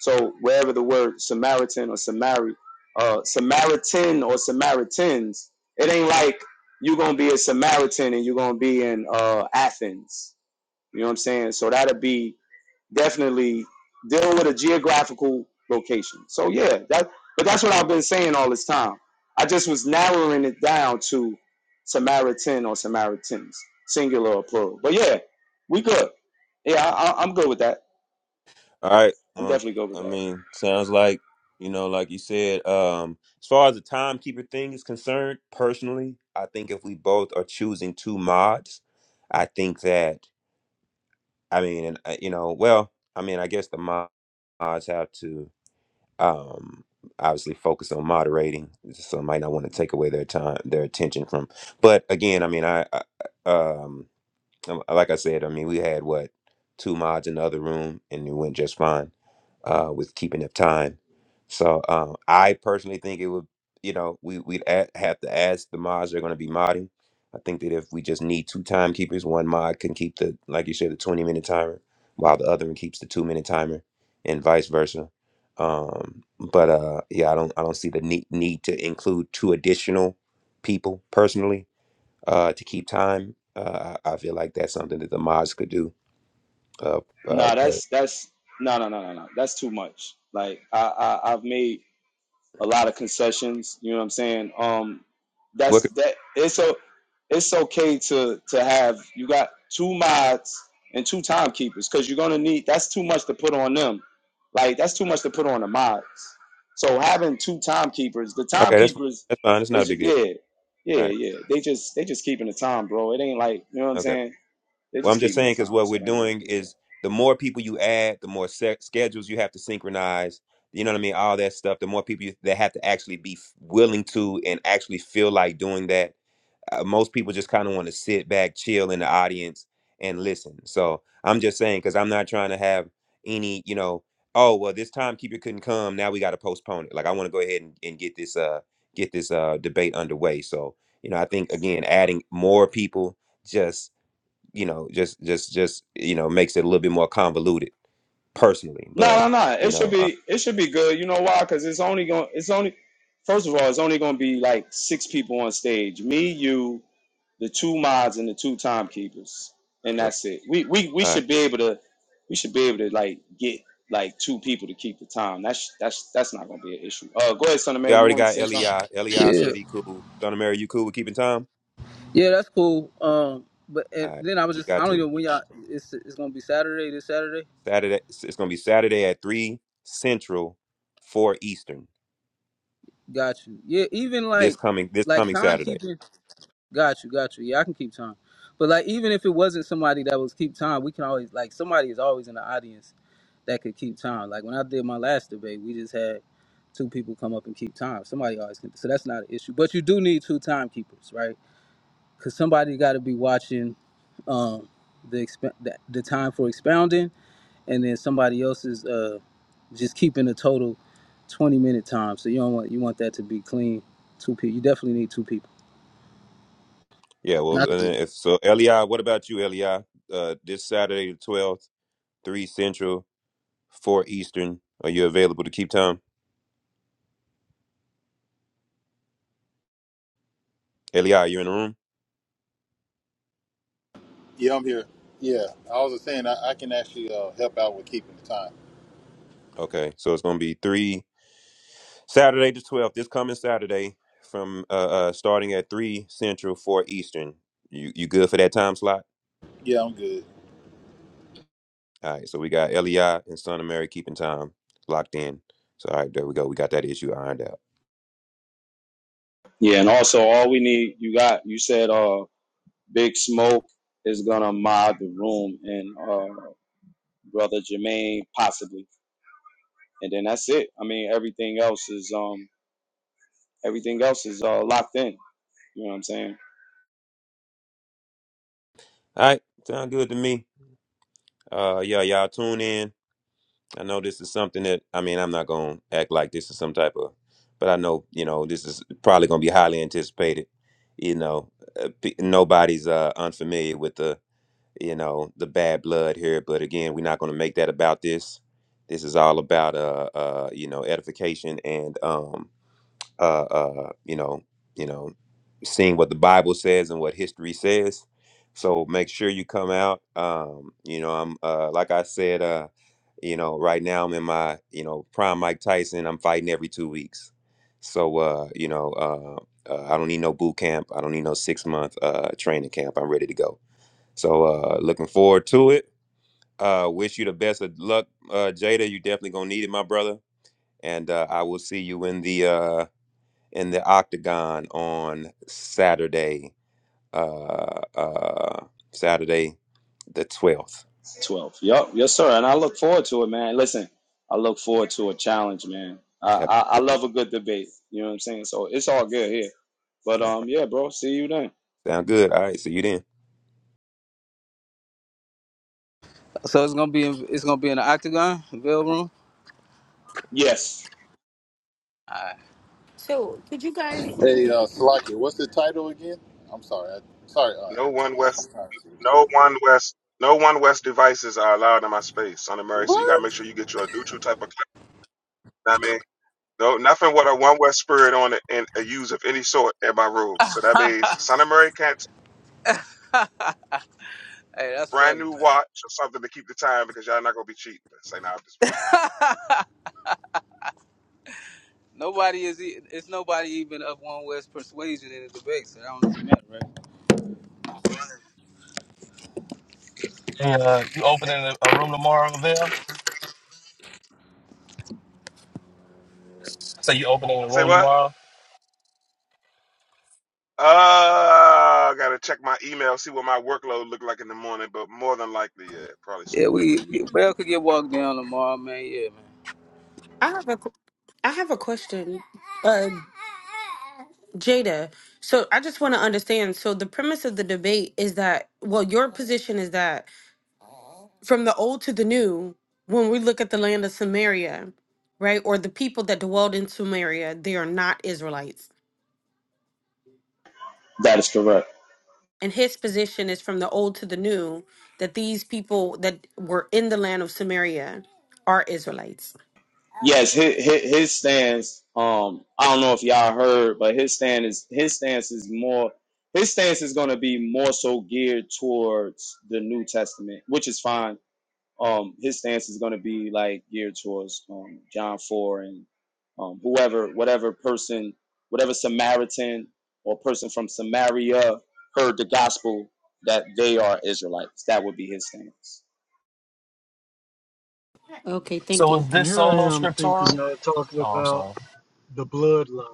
A: So wherever the word Samaritan or Samari, uh, Samaritan or Samaritans, it ain't like you're gonna be a Samaritan and you're gonna be in uh, Athens you know what I'm saying? So that'd be definitely dealing with a geographical location. So yeah, that but that's what I've been saying all this time. I just was narrowing it down to Samaritan or Samaritans, singular or plural. But yeah, we good. Yeah, I, I- I'm good with that.
H: All right.
A: I'm
H: Uh,
A: definitely good with
H: I
A: that.
H: mean, sounds like you know, like you said. Um, as far as the timekeeper thing is concerned, personally, I think if we both are choosing two mods, I think that I mean, and uh, you know, well, I mean, I guess the mo- mods have to um obviously focus on moderating, so I might not want to take away their time, their attention from. But again, I mean, I, I um. Um, Like I said, I mean, we had what two mods in the other room, and it went just fine uh, with keeping up time. So um, I personally think it would, you know, we we'd a- have to ask the mods they're going to be modding. I think that if we just need two timekeepers, one mod can keep the, like you said, the twenty minute timer, while the other one keeps the two minute timer, and vice versa. Um, but uh, yeah, I don't I don't see the need need to include two additional people personally uh, to keep time. Uh, I I feel like that's something that the mods could do. Uh, uh,
A: Nah,
H: but
A: that's that's no no no no no. That's too much. Like I, I I've made a lot of concessions. You know what I'm saying? Um,
H: what?
A: that's
H: Could,
A: that. It's a, it's okay to to have you got two mods and two timekeepers because you're gonna need. That's too much to put on them. Like that's too much to put on the mods. So having two timekeepers, the
H: okay, that's fine.
A: timekeepers
H: That's fine. It's not a
A: is ju-
H: big deal.
A: yeah, yeah,
H: All right.
A: yeah. They just they just keeping the time, bro. It ain't like you know what I'm
H: Okay.
A: saying. They
H: Well,
A: just
H: I'm just
A: keeping the
H: saying because
A: time,
H: what we're
A: so that ain't no
H: doing
A: big deal.
H: is the more people you add, the more se- schedules you have to synchronize. You know what I mean? All that stuff. The more people you, that have to actually be f- willing to and actually feel like doing that uh, most people just kind of want to sit back, chill in the audience and listen. So I'm just saying because I'm not trying to have any, you know, oh well, this timekeeper couldn't come. Now we got to postpone it. Like I want to go ahead and, and get this uh get this uh debate underway. So you know, I think again, adding more people just you know just just just you know makes it a little bit more convoluted personally.
A: No,
H: But
A: no, no.
H: you
A: It should
H: know, uh,
A: be it should be good. You know why? Because it's only going it's only first of all, it's only gonna be like six people on stage. Me, you, the two mods and the two timekeepers. And
H: uh, all
A: that's it. We we we
H: right.
A: should be able to we should be able to like get like two people to keep the time. That's that's that's not gonna be an issue. Uh go ahead, son of
H: We
A: Mary, you
H: already
A: wanted to
H: got
A: say something?
H: Eli. Eli
K: Yeah,
H: said he cool. Son of Mary, you cool with keeping time?
K: yeah, that's cool. Um, but and
H: All right,
K: then I was
H: we
K: just
H: got
K: I don't
H: two.
K: even when y'all it's it's gonna be Saturday this Saturday.
H: Saturday. It's going to be Saturday at three Central, four Eastern.
K: Got you. Yeah, even
H: This
K: like
H: coming this
K: like
H: coming Saturday.
K: timekeeping. Got you, got you. Yeah, I can keep time. But like even if it wasn't somebody that was keep time, we can always like somebody is always in the audience that could keep time. Like when I did my last debate, we just had two people come up and keep time. Somebody always can, so that's not an issue. But you do need two timekeepers, right? because somebody got to be watching um, the, exp- the the time for expounding, and then somebody else is uh, just keeping a total twenty minute time. So you don't want you want that to be clean. Two people, you definitely need two people.
H: Yeah. Well,
K: And
H: and
K: I-
H: then if so, Eli, what about you, Eli? Uh, this Saturday the twelfth, three Central, four Eastern. Are you available to keep time? Eli, are you in the room?
L: Yeah, I'm here. Yeah, I was just saying I, I can actually uh, help out with keeping the time.
H: Okay. So it's going to be three Saturday the twelfth. This coming Saturday, from uh, uh starting at three Central, four Eastern. You you good for that time slot?
L: Yeah, I'm good.
H: All right, so we got LEI and Son of Mary keeping time locked in. So all right, there we go. We got that issue ironed out.
A: Yeah, and also all we need you got you said uh Big Smoke is gonna mod the room and uh brother Jermaine possibly. and then that's it. I mean, everything else is um everything else is uh, locked in. You know what I'm saying?
H: All right, sound good to me. Uh, yeah, y'all tune in. I know this is something that I mean I'm not gonna act like this is some type of, but I know you know this is probably gonna be highly anticipated. You know, uh, pe- nobody's uh unfamiliar with the you know the bad blood here, but again, we're not gonna make that about this. This is all about uh uh you know edification and um uh, uh, you know, you know, seeing what the Bible says and what history says. So make sure you come out. Um, you know, I'm uh, like I said, uh, you know, right now I'm in my you know prime Mike Tyson. I'm fighting every two weeks. So uh, you know, uh, uh, I don't need no boot camp. I don't need no six month uh, training camp. I'm ready to go. So uh, looking forward to it. Uh, wish you the best of luck, uh, Jada. You definitely gonna need it, my brother. And uh, I will see you in the uh, in the octagon on Saturday, uh, uh, Saturday the 12th.
A: Twelve. Yup. Yes, sir. And I look forward to it, man. Listen, I look forward to a challenge, man. I, I I
H: Absolutely.
A: love a good debate. You know what I'm saying? So it's all good here. But
H: All right.
A: um, yeah, bro. See you then.
H: Sound good. All right. See you then.
K: so it's gonna be in, it's gonna be in the octagon veil room.
A: Yes,
K: Alright.
E: So, could you guys?
L: Hey, uh, Salakia, what's the title again? I'm sorry. I, sorry, uh,
D: No
L: heretic.
D: one
L: I
D: West.
L: was trying to see
D: No one West, no one West devices are allowed in my space, son of Mary. So you gotta
L: what.
D: make
L: What?
D: sure you get you a neutral type of clip. I mean, no, nothing with a one West spirit on it and a use of any sort in my rule. So that means son of Mary can't
K: Hey, that's
D: brand
K: funny,
D: new
K: man.
D: watch or something to keep the time because y'all not gonna be cheating. Say nah, I'm just playing.
K: Nobody is e- it's nobody even of one West persuasion in the debate, so that don't even matter, right?
M: Hey, Uh, you opening a, a room tomorrow, Lavelle? So you opening a
D: Say
M: room
D: what?
M: tomorrow?
D: Uh, I gotta check my email, see what my workload look like in the morning, but more than likely, yeah, probably so.
K: Yeah, we we- Bell could get walked down tomorrow, man. Yeah, man.
E: I have a, qu- I have a question, uh, Jada. So, I just want to understand. So, the premise of the debate is that, well, your position is that from the old to the new, when we look at the land of Samaria, right, or the people that dwelled in Samaria, they are not Israelites.
A: that is correct.
E: And his position is from the old to the new that these people that were in the land of Samaria are Israelites.
A: Yes, his, his stance. Um, I don't know if y'all heard, but his stand is his stance is more. His stance is going to be more so geared towards the New Testament, which is fine um his stance is going to be like geared towards um John 4 and um whoever whatever person whatever Samaritan or person from Samaria heard the gospel that they are Israelites that would be his stance
E: Okay, thank
M: So is
E: you.
F: And
M: this
F: here I
M: solo
F: am thinking
M: scriptura?
F: y'all talking
M: Oh, I'm
F: about
M: sorry.
F: the bloodline.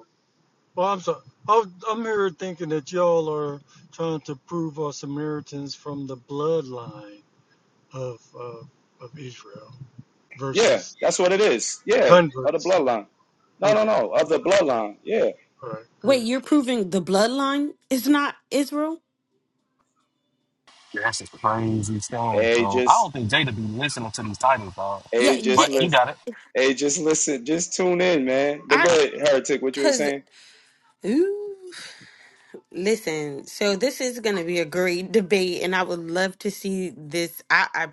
F: Well, I'm sorry. I'm I'm here thinking that y'all are trying to prove us Samaritans from the bloodline of uh, of Israel
A: yeah
F: versus
A: that's what it is yeah of the
F: converts.
A: bloodline no no
F: Okay,
A: no of the bloodline yeah
F: all right,
E: Wait,
F: good.
E: you're proving the bloodline is not Israel?
M: Yeah, That's just crazy stuff,
A: hey
M: bro. I don't
A: just
M: think Jada be listening to these titles, dog.
E: Yeah,
A: hey just
M: But
E: j-
M: you
A: listen
M: got it.
A: hey just listen just tune in man but
E: I
A: go ahead heretic what you were
E: because
A: saying
E: ooh, listen. So this is gonna be a great debate, and I would love to see this. I, I.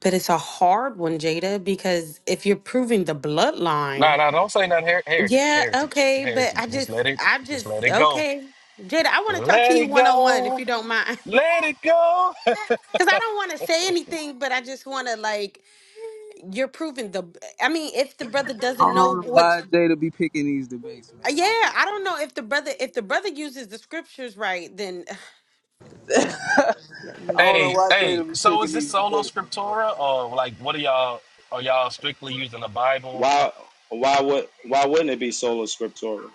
E: But it's a hard one, Jada, because if you're proving the
M: Nah,
E: bloodline,
M: nah, don't say nothing. Her- heretic,
E: yeah,
M: heretic,
E: okay, but
M: heretic.
E: I
M: Just
E: just,
M: let it,
E: I
M: just
E: just,
M: let it go.
E: okay. Jada, I want to talk to
M: Let
E: you
M: it
E: one on one if
M: go.
E: you don't mind.
M: Let it go.
E: Because I don't want to say anything, but I just want to, like, you're proving the, I mean, if the brother
K: I
E: doesn't know
K: don't know why
E: what's,
K: Jada be picking these debates,
E: uh,
K: man.
E: yeah, I don't know if the brother, if the brother uses the scriptures right, then.
K: I don't know
M: hey,
E: Listen.
K: why
M: hey.
K: Jada be
M: So is
K: taking
M: this
K: these
M: solo
K: debates. bro.
M: scriptura, or like, what are y'all? Are y'all strictly using the Bible?
A: Why why would why wouldn't it be sola scriptura?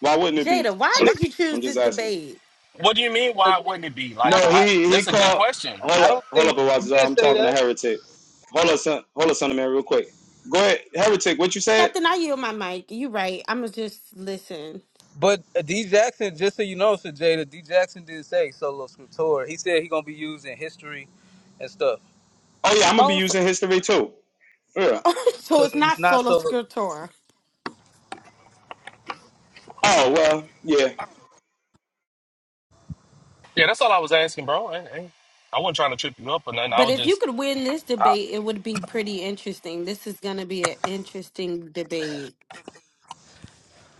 A: Why wouldn't it be?
E: Jada, why did you choose
A: I'm
E: this
A: just asking.
E: debate?
M: What do you mean? Why
K: 'Cause
M: wouldn't it be
A: No,
M: like? I,
A: he he
M: that's a good
A: called.
M: question.
A: Hold
K: I
A: up,
K: don't
A: hold up,
K: think he
A: Awaza.
K: didn't
A: I'm
K: say
A: talking to
K: that.
A: heretic. Hold up, son. Hold up, son of man, real quick. Go ahead, heretic. What you said?
E: Nothing, I yield my mic. You right. I'm going to just listen.
K: But uh, D Jackson, just so you know, Sir Jada, D Jackson did say solo scriptor. He said he gonna be used in history and stuff.
A: Oh yeah, I'm gonna be using history too. Yeah.
E: so
K: So that
E: it's
K: it's
E: not
K: not
E: solo
K: solo.
E: scriptura.
A: Oh well, yeah.
M: Yeah, that's all I was asking, bro. I, I, I wasn't trying to trip you up or nothing. I
E: But
M: was
E: if you
M: just,
E: could win this
M: I,
E: debate, it would be pretty interesting. This is going to be an interesting debate.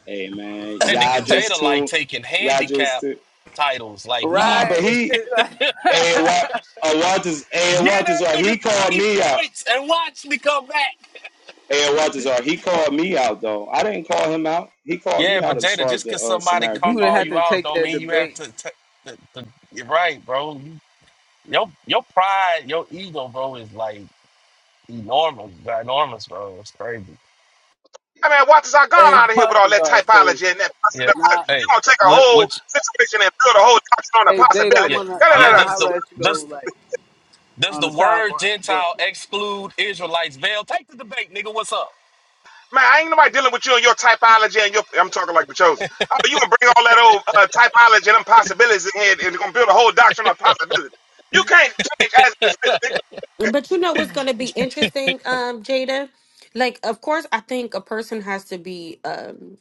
A: Hey man,
M: hey,
A: y'all
M: nigga,
A: just
M: Jada like
A: too.
M: taking
A: Y'all just
M: handicap
A: too.
M: titles. Like
A: nah,
M: he,
A: but
K: Right.
A: he.
K: you
A: Hey, what? Awaza's. Hey,
M: get
A: Awaza's.
M: that
A: right.
M: nigga
A: He called
M: thirty
A: me out.
M: points and watch me come back.
A: And Waltazar, he called me out though. I didn't call him out. He called
M: Yeah,
A: me
M: but
A: out as
M: Jada,
A: far as
M: just
A: the
M: cause
A: uh,
M: somebody
A: Samaritan
K: didn't
M: call
K: have
A: debate.
M: you
K: to
M: out,
K: take
M: don't
K: that
M: mean you have
K: debate.
M: to. ta- to- to- you're right, bro. You, your your pride, your ego, bro, is like enormous, ginormous, bro. It's crazy.
D: I mean, watch has I gone
K: Hey,
D: out of here with all
K: Marcus
D: that
K: always crazy.
D: typology and that
M: Yeah.
D: possibility.
K: Nah.
M: Hey,
D: You're gonna take a
M: wh-
D: whole
M: which,
D: situation and build a whole doctrine on a
K: Hey Jada, I
M: yeah,
D: possibility.
K: wanna
D: Da, da,
K: I
M: yeah.
K: wanna
D: da, da.
M: That's the
K: holler at you though,
M: that's
K: like
M: Does
K: on
M: the
K: the
M: word
K: sidebar, but
M: Gentile exclude Israelites veil? Take the debate, nigga. What's up?
D: Man, I ain't nobody dealing with you and your typology and your. I'm talking like the chosen. Oh, you gonna bring all that old uh, typology and them possibilities in here and gonna build a whole doctrine on possibility. You can't change as it is written. nigga.
E: But you know what's going to be interesting, um, Jada? Like, of course, I think a person has to be, um,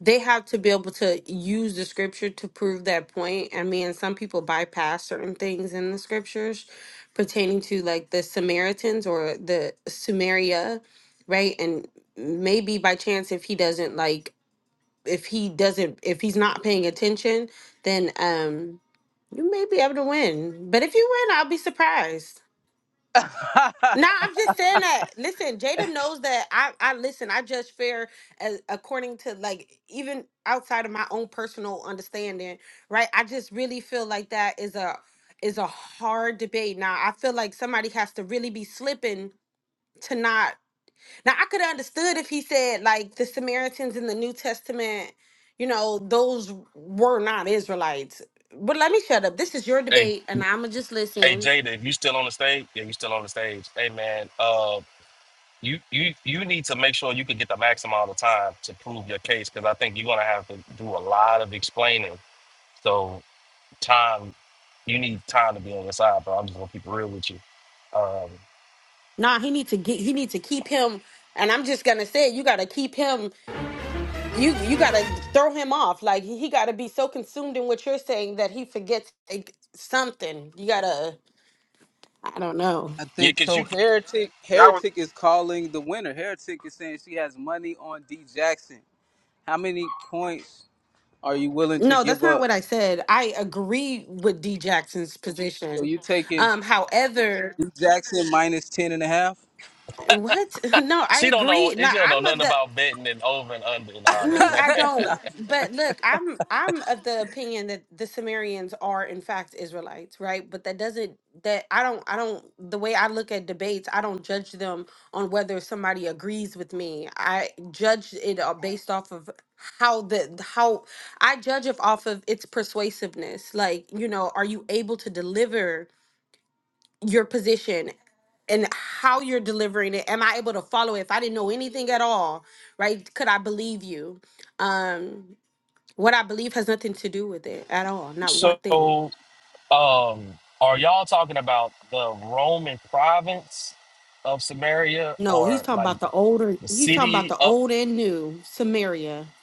E: they have to be able to use the scripture to prove that point. I mean, some people bypass certain things in the scriptures pertaining to like the Samaritans or the Sumeria, right? And maybe by chance, if he doesn't like if he doesn't if he's not paying attention, then um you may be able to win. But if you win, I'll be surprised. No, I'm just saying that. Listen, Jada knows that I, I listen. I judge fair as according to like even outside of my own personal understanding, right? I just really feel like that is a is a hard debate. Now I feel like somebody has to really be slipping to not now I could have understood if he said like the Samaritans in the New Testament, you know, those were not Israelites. But let me shut up. This is your
M: Hey,
E: debate, and I'ma just
M: hey,
E: listen.
M: Jada, if you still on the stage, yeah, you still on the stage. Hey, man, uh, you you you need to make sure you can get the maximum amount of time to prove your case because I think you're gonna have to do a lot of explaining. So time, you need time to be on your side, bro. I'm just gonna keep it real with you. Um,
E: Nah, he need to get he need to keep him and I'm just gonna say you gotta keep him you you gotta throw him off. Like he gotta be so consumed in what you're saying that he forgets like, something. You gotta I don't know.
K: I
M: yeah,
K: think
M: cause
K: so.
M: you
K: Heretic,
D: Y'all was
K: Heretic is calling the winner. Heretic is saying she has money on D Jackson. How many points are you willing to
E: No, that's
K: give
E: not
K: up?
E: what I said. I agree with D Jackson's
K: So
E: position.
K: you taking
E: Um, however,
K: D Jackson minus ten and a half?
E: What? No, I
M: she don't know
E: agree.
M: she
E: No,
M: don't know
E: I'm of
M: nothing
E: the.
M: about betting and over and under and
E: I
M: all that,
E: mean,
M: man.
E: I
K: Nah,
E: don't.
K: I'm just playing.
E: But look, I'm I'm of the opinion that the Sumerians are in fact Israelites, right? But that doesn't that I don't I don't the way I look at debates, I don't judge them on whether somebody agrees with me. I judge it uh, based off of how the how I judge it off of its persuasiveness. Like, you know, are you able to deliver? your position and how you're delivering it am i able to follow it if i didn't know anything at all right could i believe you um what i believe has nothing to do with it at all not one
M: So
E: thing
M: Um, are y'all talking about the Roman province of Samaria
E: no he's
M: or
E: talking
M: like
E: about the older
M: the
E: he's talking about
M: city
E: the
M: up?
E: old and new samaria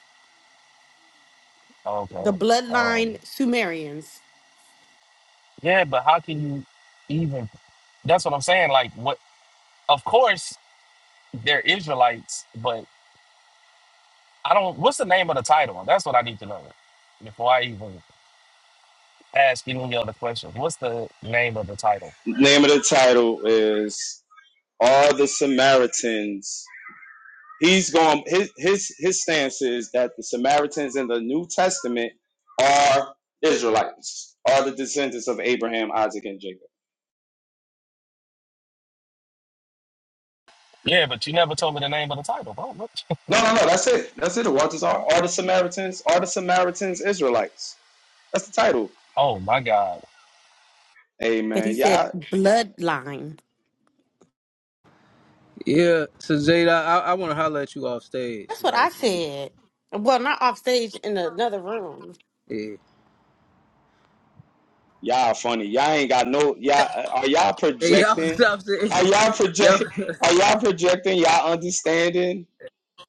E: the
M: Okay. Um,
E: bloodline sumerians
M: yeah, but how can you even? That's what I'm saying. Like, what? Of course, they're Israelites, but I don't. What's the name of the title? That's what I need to know before I even ask any other questions. What's the name of the title?
A: Name of the title is "Are the Samaritans?" He's going. His his his stance is that the Samaritans in the New Testament are Israelites, are the descendants of Abraham, Isaac, and Jacob.
M: Yeah, but you never told me the name of the title, bro. What?
A: No, no, no. That's it. That's it. Waltazar, are the Samaritans? Are the Samaritans Israelites? That's the title.
M: Oh my God.
A: Hey
E: but he
A: man, y'all
E: said bloodline
K: yeah. So Jada, I, I want to holler at you off stage,
E: that's what i
K: like when
E: said well not off stage in another room
K: you,
A: Y'all funny. Y'all ain't got no. Y'all are y'all
K: yeah. Hey, y'all
A: projecting?
K: stop saying,
A: Are y'all
K: y'all.
A: project? Are y'all projecting y'all understanding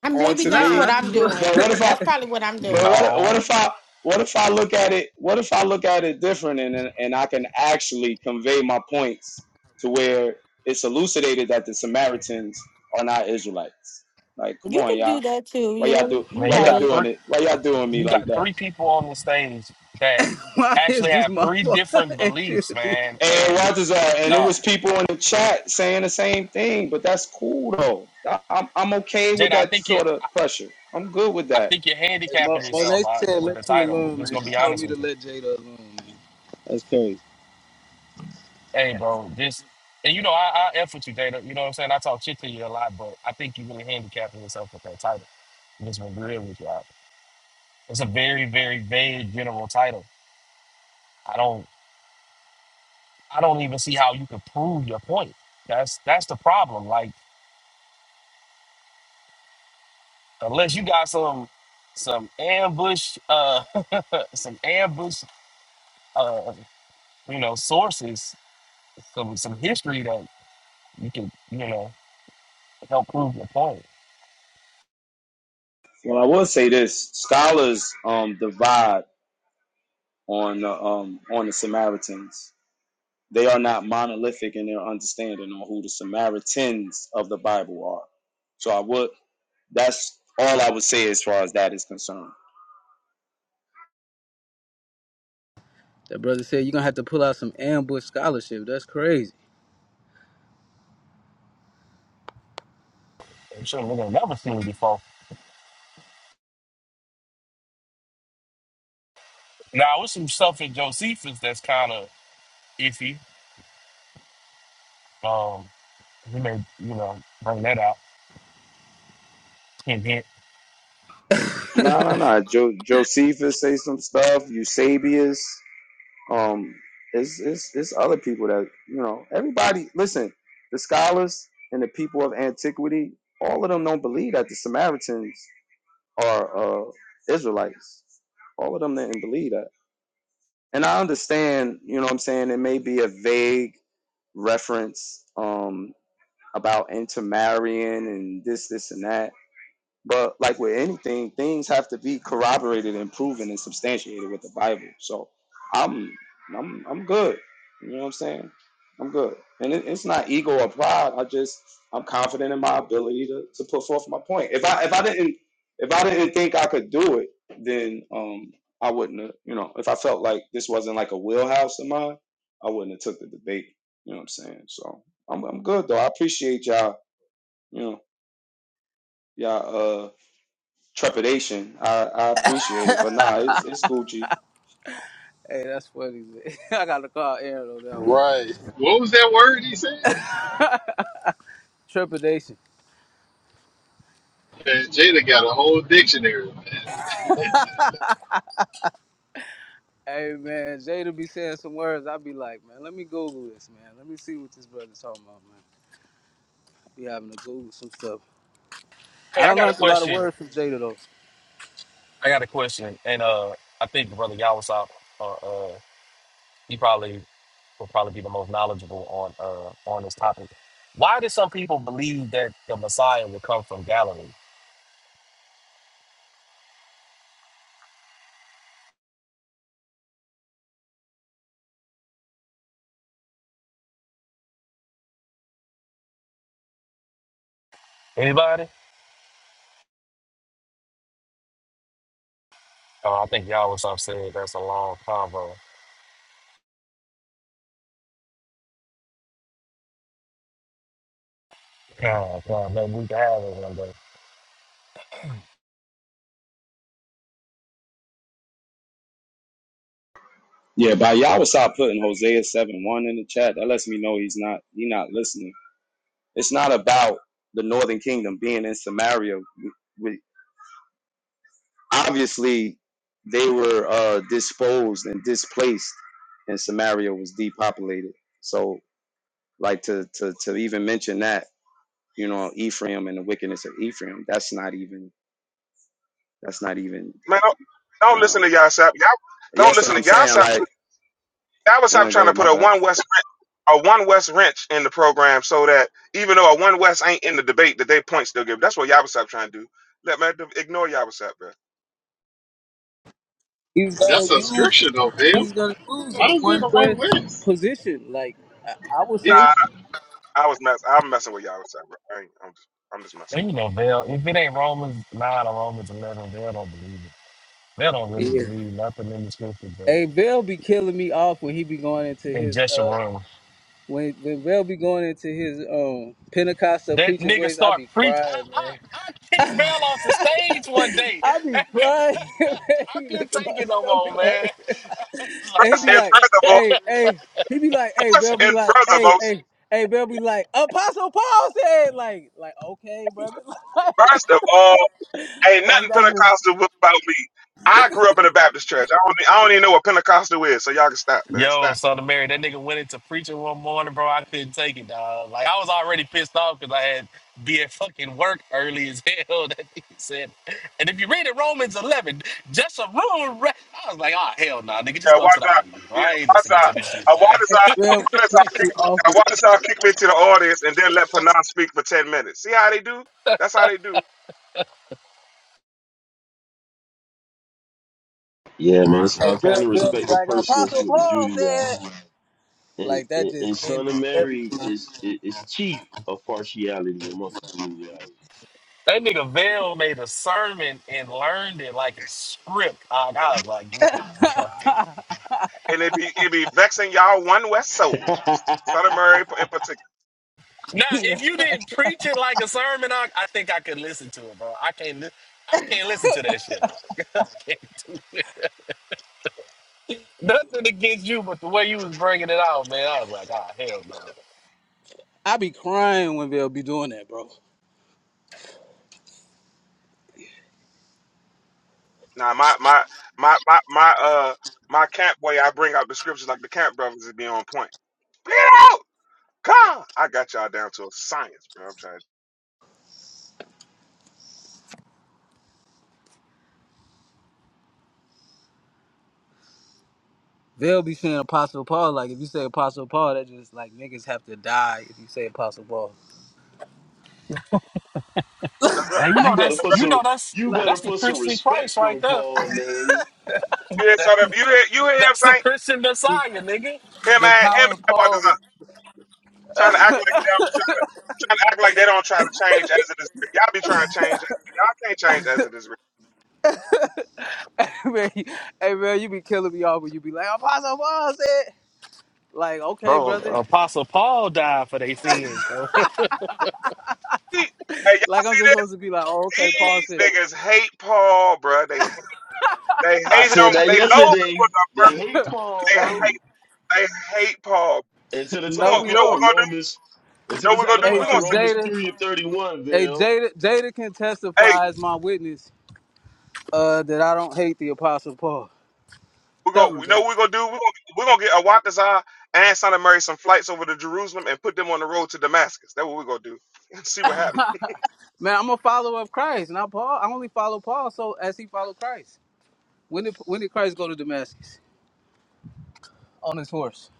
E: and maybe
A: onto
E: that's
K: Nah,
E: what
K: I
A: me?
E: i'm
K: just want.
A: But
E: doing
A: what if I?
E: that's probably what i'm
A: But
E: doing
A: what? What
M: No,
A: if I? What if I look at it? What if I look at it different and and I can actually convey my points to where it's elucidated that the Samaritans are not Israelites? Like, come
E: You
A: on,
E: could do
A: y'all.
E: that too.
A: Why
E: Yeah,
A: y'all do?
E: you're
M: man,
A: Why
M: you
A: y'all
M: got
E: right.
M: three.
A: doing it? Why y'all doing me
M: you
A: like
M: got
A: that?
M: three people on the stage that
K: Why
M: actually
K: is this
M: have
K: my
M: three
K: fault?
M: different
K: And she a
M: beliefs,
K: D
M: man.
K: J.
A: And
M: And
A: Walter's, uh, and it
M: no,
A: was people in the chat saying the same thing, but that's cool though. I, I'm, I'm okay with
M: Jada, I
A: that
M: think you,
A: sort of pressure. I'm good with
M: I, I
A: that.
M: think you're
K: Hey, Mo-
M: handicapping yourself
K: Monet
M: uh,
K: said,
M: with
K: "Let
M: the
K: you
M: title.
K: alone,
M: Just
K: man."
M: gonna
K: She
M: be
K: told
M: honest
K: me to
M: with you.
K: let Jada alone, man. That's crazy.
M: Hey, bro, this, and you know, I, I f with you, Jada. You know what I'm saying? I talk shit to you a lot, but I think you're really handicapping yourself with that title. I'm just gonna be real with you. Out. It's a very, very vague general title. I don't, I don't even see how you could prove your point. That's that's the problem. Like. unless you got some some ambush uh some ambush uh you know sources some some history that you can you know help prove your point
A: Well, I will say this: scholars um, divide on the um, on the Samaritans. They are not monolithic in their understanding on who the Samaritans of the Bible are. So I would. That's all I would say as far as that is concerned.
K: That brother said you're gonna have to pull out some ambush scholarship. That's crazy.
M: i'm sure we're gonna never seen it before now with some stuff in josephus that's kind of iffy um he may you know bring that out hint hint
A: No, no, no. Jo- Josephus say some stuff. Eusebius. Um, it's it's it's other people that you know. Everybody, listen. The scholars and the people of antiquity, all of them don't believe that the Samaritans are uh, Israelites. All of them didn't believe that. And I understand, you know, what I'm saying it may be a vague reference um, about intermarrying and this, this, and that but like with anything, things have to be corroborated and proven and substantiated with the Bible. So I'm I'm I'm good. You know what I'm saying? I'm good. And it, it's not ego or pride. I just I'm confident in my ability to, to put forth my point. If I if I didn't if I didn't think I could do it, then um I wouldn't have, you know, if I felt like this wasn't like a wheelhouse of mine, I wouldn't have took the debate. You know what I'm saying? So I'm I'm good though. I appreciate y'all, you know, y'all uh trepidation. I, I appreciate it, but nah, it's it's Gucci.
K: Hey, that's funny. Man. I gotta call Aaron on that one.
L: Right. What was that word he said?
K: Trepidation.
L: Man, Jada got a whole dictionary.
K: Hey man, Jada be saying some words. I be like, man, let me Google this, man. Let me see what this brother's talking about, man. Be having to Google some stuff.
M: hey
K: I
M: i
K: don't
M: got a
K: learned a lot of
M: question
K: words from Jada though.
M: i got a question and uh i think brother Yawasop, uh uh he probably will probably be the most knowledgeable on uh, on this topic. Why did some people believe that the Messiah would come from Galilee? Anybody? Oh, I think y'all was upset. That's a long convo. God, God, maybe we can have it one day.
A: Yeah, by y'all was stop putting Hosea seven one in the chat. That lets me know he's not he not listening. It's not about the Northern Kingdom being in Samaria. We, we, obviously, they were uh, disposed and displaced, and Samaria was depopulated. So, like to to to even mention that, you know, Ephraim and the wickedness of Ephraim. That's not even that's not even.
D: man, don't, don't
A: Uh,
D: listen to y'all. Sap. Y'all don't
A: yes,
D: listen
A: what
D: to
A: I'm
D: y'all.
A: saying.
D: Stop.
A: Like,
D: Y'all was stop trying to
A: okay,
D: put
A: my
D: a
A: bad.
D: one West. a one West wrench in the program so that even though a one West ain't in the debate, that they points still give. That's what Yabusep trying to do. Let man ignore Yabusep, bro.
K: He's gonna
L: That's a scripture,
K: use
L: though, Bill.
K: he's gonna use a
L: How is that
K: one
L: the one
K: west
L: list?
K: position. Like I, I would
L: He
K: say.
D: Nah,
L: just,
D: I was mess. I'm messing with Yabusep, bro. I ain't, I'm just, I'm just messing.
M: And you know, Bill, if it ain't Romans 9 or Romans 11, they don't believe it. They don't really believe nothing in the scripture but
K: Hey, Bill be killing me off when he be going into
M: in
K: his
M: just a
K: uh
M: room.
K: when when Bill be going into his um Pentecostal
M: That
K: preacher
M: nigga
K: voice, I
M: start
K: be
M: preach. I,
K: crying,
M: I, I kicked
K: man.
M: Bell off the stage one day.
K: I be crying, man.
M: I
K: He
M: couldn't
K: making my
M: take it no
K: stomach
M: more, man.
K: hurt.
M: It's
K: And he
D: First
K: be
D: and
M: like,
K: like,
D: furthermore,
K: hey, hey, he be like, hey,
D: first
K: Bill be
D: and
K: like, hey,
D: furthermost,
K: hey, hey, Bill be like, Apostle Paul said, like, like, okay, brother.
D: first of all, ain't nothing Pentecostal about me. I grew up in a Baptist church. I don't, I don't even know what Pentecostal is, so y'all can stop, man. Stop.
M: Yo, Son of Mary, that nigga went into preaching one morning, bro. I couldn't take it, dog. Like I was already pissed off because I had be at fucking work early as hell. That nigga said, and if you read it, Romans eleven, just a room. Re-. I was like, oh hell nah, nigga, just
D: Yeah,
M: go
D: why
M: to the
D: does I?
M: audience. Bro.
D: Yeah,
M: I ain't
D: why does
M: listening
D: I?
M: to this shit,
D: Uh, why
M: man.
D: does
K: Like,
D: I?
K: Bill
D: Why does
K: be
D: I
K: killing
D: kick?
K: me off
D: uh,
K: with
D: Why
K: it.
D: does I kick me to the audience and then let Panam speak for ten minutes? See how they do? That's how they do.
C: Yeah, man.
K: Hey,
C: So I kind
K: Bill,
C: of
K: Bill be
C: respect the
K: like,
C: persons
K: Apostle
C: with the
K: Paul
C: Judaizers.
K: said.
C: And,
K: Like that
C: and
K: just
C: and Son
K: ended
C: of
K: everything.
C: Mary is is is chief of partiality amongst the
M: That nigga Vail made a sermon and learned it like a script. dog. I was like, nah, fuck this.
D: And it be it be vexing y'all one West souls,
C: Judaizers.
D: Southern Murray in particular.
M: Now, if you
K: like,
M: didn't preach it like a sermon, I, I think I could listen to it, bro. I can't. Li- I can't listen to that shit. dog. Nothing against you, but the way you was bringing it out, man, I was like, ah, hell no.
K: I be crying when they'll be doing that, bro.
D: Now my my my my my uh my camp boy, I bring out the scriptures like the camp brothers is be on point. Get out! Come! I got y'all down to a science, bro. I'm trying.
K: They'll be saying Apostle Paul. Like if you say Apostle Paul, that just like niggas have to die if you say Apostle Paul.
D: That's right.
M: And you know
C: you better
M: that's
C: put
M: you know
C: some
M: that's
C: you better
M: that's the
C: put some
M: Christian Christ
C: respect
M: right
C: on
M: there.
C: Paul name.
D: You hear Southern? You hear you hear him
M: That's the
D: saying
M: Christian Messiah, nigga.
D: him
K: The
D: and him
K: power of
D: and Why does
K: Paul.
D: I? Trying to act like that. trying to act like they don't try to change as it is. Y'all be trying to change. Y'all can't change as it is.
K: man, you- hey man, you be killing me off when you be like Apostle Paul said. Like okay,
M: Bro,
K: brother.
M: Apostle Paul died for their sins, bro.
D: He- Hey, y'all
K: Like I'm just
D: see
K: supposed to be like, oh
D: this?
K: okay, Paul
D: These
K: said it.
D: niggas hate Paul, bro. They they
C: I
D: hate
C: said
D: him.
C: that
D: They loathe him. With
C: yesterday. They hate Paul,
D: They
C: bro.
D: hate they hate Paul.
C: Until the
D: We
C: time
K: No,
C: to
D: gonna
K: we
D: you
C: put
D: know what
K: don't.
C: out
D: we're gonna do. You
C: Romans until
D: know
C: the
D: what we're
C: time
D: gonna
C: to put
D: do.
K: Hey,
D: We're
C: out
K: so
D: gonna say,
C: Romans
K: Jada,
C: three and thirty one,
K: hey
C: Bill.
K: Jada, Jada can
D: hey,
K: testify as my witness uh, that I don't hate the Apostle Paul.
D: we're
K: Tell
D: gonna
K: him,
D: We
K: Jay.
D: know what we're gonna do. We're gonna we're gonna get Awatazar and Son of Mary some flights over to Jerusalem and put them on the road to Damascus. That's what we're gonna do. See what happens.
K: Man, I'm a follower of Christ, not Paul. I only follow Paul, so as he followed Christ. When did when did Christ go to Damascus on his horse?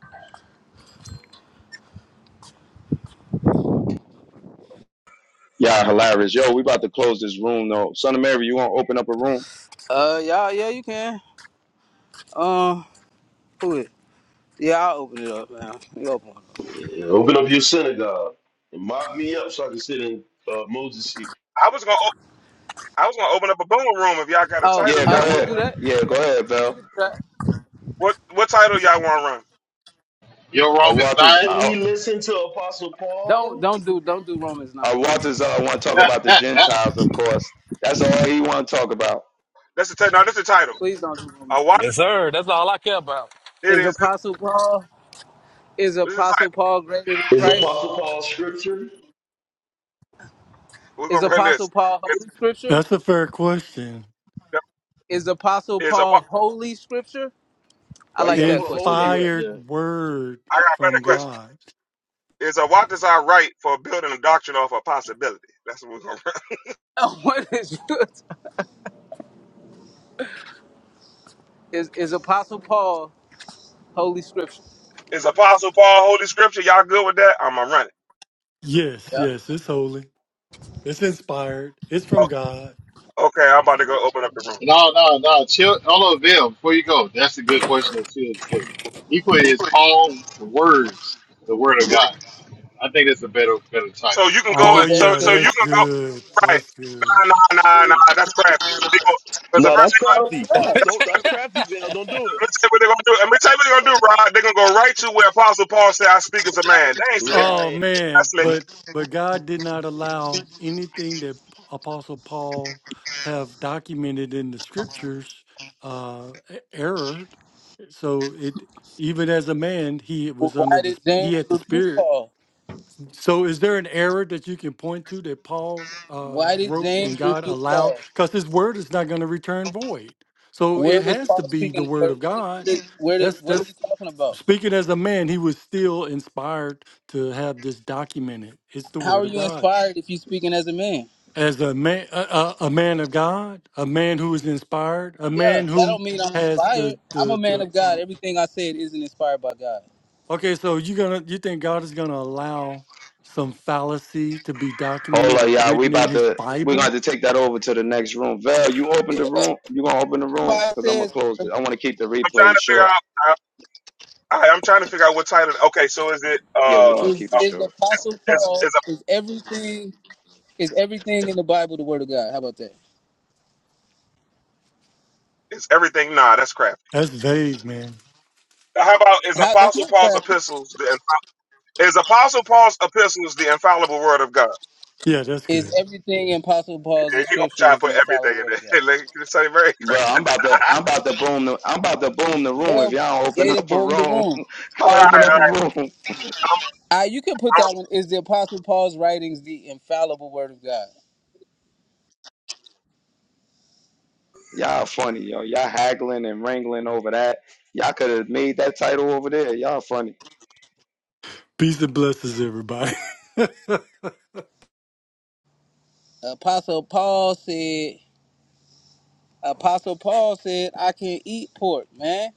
A: Yeah, hilarious. Yo, we about to close this room though. Son of Mary, you want to open up a room?
K: Uh, yeah, yeah, you can. Um, who it? Yeah, I'll open it up, man. You open it up.
C: Yeah, open up your synagogue and mop me up so I can sit in uh, Moses' seat.
D: I was gonna op- I was gonna open up a boom room if y'all got a
K: Oh,
D: title
A: Yeah,
K: uh,
A: go
D: y'all
K: you can
D: want to
A: ahead.
K: do
D: run.
K: that. You can
A: Yeah,
K: do
A: go
K: that.
A: ahead,
K: You
A: Val.
K: can do that.
D: What what title y'all want to run?
L: your
A: Uh,
L: Romans
A: Walters,
C: Should
A: uh, uh,
C: we listen to Apostle
K: Don't
C: Paul?
K: don't do don't do Romans nine.
A: uh,
K: Please don't
A: Walters,
K: do
A: uh,
K: that.
A: want to talk about the
L: 9?
A: Gentiles, of course. That's all he want to talk about.
D: That's the title. No, that's the title.
K: Please don't do Romans
D: A
K: nine.
D: walk.
M: yes, sir. That's all I care about.
D: It
K: Is
D: is.
K: Apostle Paul is
D: This is the
K: Apostle
D: title.
K: Paul greater than
C: Is
K: Christ?
C: Apostle Paul scripture?
D: We're
K: Is
D: gonna run
K: Apostle
D: this.
K: Paul
D: It's,
K: Holy Scripture?
F: That's a fair question.
K: Is Apostle
D: is a
K: Paul
D: walk.
K: Holy Scripture? I
C: Why you
K: like
C: gotta
K: that
C: put
K: question
C: holy
K: better.
C: right there?
F: Inspired word
D: I got a
F: from
D: better question.
F: God.
D: Is a walk is our right for building a doctrine off a possibility? That's what we're gonna run.
K: what is is is Apostle Paul Holy Scripture?
D: Is Apostle Paul Holy Scripture? Y'all good with that? I'm gonna run it.
F: Yes,
K: Yeah.
F: yes, it's holy. It's inspired. It's from God.
D: Oh, okay, I'm about to go open up the room.
L: No, no, no. Chill. Hold on, Bill. Before you go, that's a good question that Chill put. He put his Paul words, the word of God. I think that's a better, better title.
D: So you can go.
F: Oh
D: and-
K: Is
D: So
F: yeah,
D: so
K: everything
D: you
F: that's
D: can go.
F: good.
D: Right.
F: That's good.
D: Nah nah nah nah. That's crappy. Because the
C: No,
D: first
C: that's
D: thing,
C: crafty.
K: God?
C: Nope, don't that's crafty, Val. Don't do
D: let me tell
C: it.
D: you what they're gonna do. Let me tell you what they're gonna do, Rod. They're gonna go right to where Apostle Paul said, "I speak as a man." They ain't slick.
F: Oh
C: Right.
D: I
F: man,
D: slick.
F: but but God did not allow anything that P- Apostle Paul have documented in the scriptures uh e- error. So it even as a man, he
K: Well,
F: was under
K: Why
F: the
K: did
F: sp- he
K: James
F: had the
K: rebuke
F: spirit.
K: Paul?
F: So is there an error that you can point to that Paul uh
K: Why did
F: wrote and
K: James
F: God
K: rebuke
F: allowed
K: Paul?
F: cuz his word is not going to return void. So it
K: Where was
F: has to
K: Paul
F: be the
K: speaking?
F: word
K: Where,
F: of
K: where, did, where,
F: God.
K: did, where did-
F: That's
K: what are
F: that's
K: you talking about?
F: Speaking as a man, he was still inspired to have this documented. It's the
K: How
F: word
K: are
F: of
K: you
F: God.
K: inspired if you're speaking as a man?
F: As a man, a, a, a man of God, a man who is inspired, a
K: Yeah,
F: man
K: that
F: who
K: don't mean I'm
F: has
K: inspired.
F: the
K: I'm a
F: the
K: man
F: the.
K: of God. Everything I said isn't inspired by God.
F: Okay, so you gonna you think God is gonna allow some fallacy to be
A: Hold
F: documented
A: on,
F: or
A: y'all. We
F: written in
A: about
F: His
A: to, we're going to
F: Bible?
A: have to take that over to the next room. Val, you open the room. You going to open the room?
K: Why it
A: Because I'm going
K: says
A: to close it. I want to keep the
D: I'm trying
A: replay
D: to
A: short.
D: figure out. I, I'm trying to figure out what title. Okay, so is it
A: Yeah,
D: uh,
A: we want to
K: is,
A: keep it
D: uh
K: is
A: short.
D: is
K: Apostle
D: is
K: Paul
D: is,
K: is everything is everything in the Bible the Word of God. How about that?
D: is everything? Nah, that's crap.
F: That's vague, man.
D: How about is
K: How that's
D: Apostle
K: not
D: Paul's
K: classy.
D: epistles the is Apostle Paul's epistles the infallible word of God?
F: Yeah, that's
K: Is
F: good.
K: everything in Apostle Paul's
D: He gonna
K: description
D: try to
K: is
D: put
K: the infallible
D: everything
K: word
D: in
K: of God?
D: there. like, say very.
A: Bro, I'm about to I'm about to boom the I'm about to boom the room if
K: Well,
A: y'all don't open
K: Gator
A: up a
K: boom the
A: room.
K: room.
A: Go open up a room.
K: Ah, you can put that one. Is the Apostle Paul's writings the infallible word of God?
A: Y'all funny, yo. Y'all haggling and wrangling over that. Y'all could have made that title over there. Y'all funny.
F: Peace and blessings, everybody. man,
K: Apostle Paul said. Apostle Paul said, "I can not eat pork, man."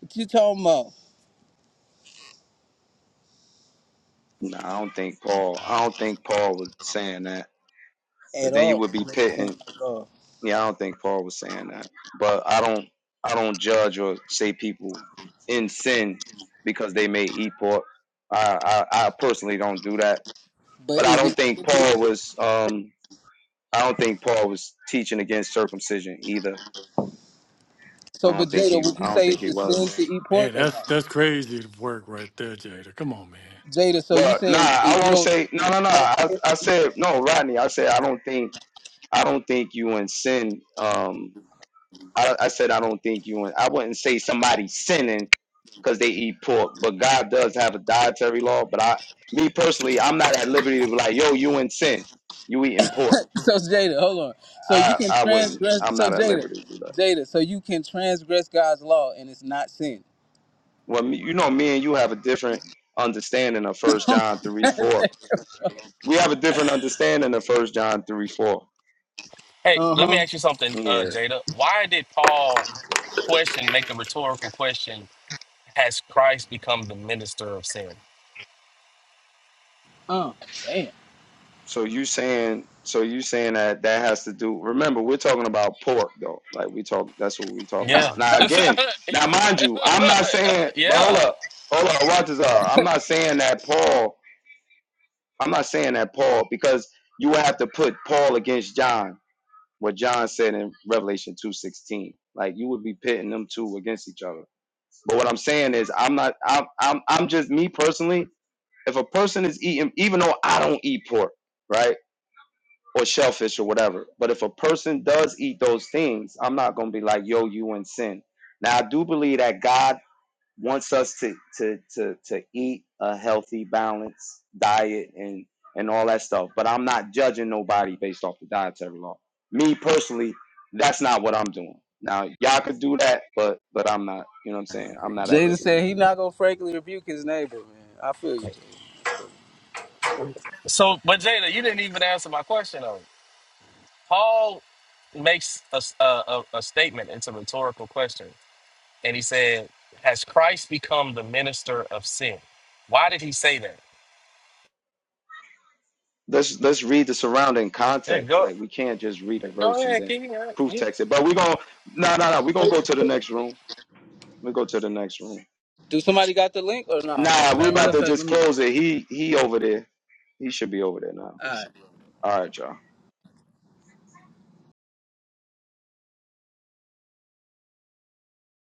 K: What you talking about?
A: No, I don't think Paul I don't think Paul was saying that.
K: At
A: because then you
K: all?
A: would be pitting.
K: At all.
A: Yeah, I don't think Paul was saying that, but I don't, I don't judge or say people in sin because they may eat pork. I, I, I personally don't do that,
K: But
A: but I
K: is it
A: don't think Paul was, um, I don't think Paul was teaching against circumcision either.
K: so?
A: I
K: But
A: don't think
K: Jada,
A: he,
K: would you
A: I don't
K: say
A: think
K: it's
A: he
K: a sin
A: was.
K: to eat pork or
F: that's
K: not?
F: that's crazy work right there, Jada. Come on, man.
K: Jada, so you
A: But nah,
K: saying it,
A: I
K: you
A: won't
K: don't?
A: say no,
K: It's
A: no, no.
K: not a
A: I,
K: sin?
A: I said no, Rodney. I said I don't think, I don't think you in sin. Um, I, I said I don't think you in. I wouldn't say somebody sinning because they eat pork. But God does have a dietary law. But I, me personally, I'm not at liberty to be like, yo, you in sin. You eating pork.
K: So Jada, hold on. So you
A: I,
K: can
A: I wouldn't.
K: transgress.
A: I'm
K: So
A: not at
K: Jada,
A: liberty to do that.
K: Jada. So you can transgress God's law and it's not sin.
A: Well, me, you know, me and you have a different understanding of First John three four. We have a different understanding of First John three four.
M: Hey,
K: Uh
M: let me
K: huh.
M: ask you something,
A: Yeah.
M: uh, Jada. Why did Paul question make the rhetorical question? Has Christ become the minister of sin?
K: Oh, Damn.
A: So you saying so you saying that that has to do remember we're talking about pork though. Like we talk that's what we talking
M: Yeah,
A: about. Now again, now mind
M: yeah,
A: you, I'm
M: uh,
A: not saying but hold
M: yeah.
A: up. Hold up, watch this out. I'm not saying that Paul I'm not saying that Paul because you would have to put Paul against John, what John said in Revelation two sixteen. Like you would be pitting them two against each other. But what I'm saying is, I'm not. I'm. I'm. I'm just me personally. If a person is eating, even though I don't eat pork, right? or shellfish or whatever. But if a person does eat those things, I'm not gonna be like, yo, you in sin. Now I do believe that God wants us to to to to eat a healthy, balanced diet and and all that stuff. But I'm not judging nobody based off the dietary law. Me personally, that's not what I'm doing. Now y'all could do that, but but I'm not. You know what I'm saying? I'm not at
K: Jada
A: liberty to
K: said
A: do
K: he
A: that.
K: not gonna frankly rebuke his neighbor. Man, I feel you, Jada.
M: So, but Jada, you didn't even answer my question though. Paul makes a, s- a- a- a statement. It's a rhetorical question. And he said, Has Christ become the minister of sin? Why did he say that?
A: let's let's read the surrounding
M: Yeah,
A: context.
M: go
A: Like we can't just read a
M: go
A: verse and
M: ahead,
A: then
M: King.
A: proof
M: You,
A: text it. But we're gonna no no no, we're gonna go to the next room. We go to the next room.
K: Do somebody got the link or no? Nah?
A: Nah, we
K: Matter matter
A: about
K: of
A: to
K: fact,
A: just
K: let me
A: close it. He he over there. He should be over there now.
K: go.
A: All right, y'all.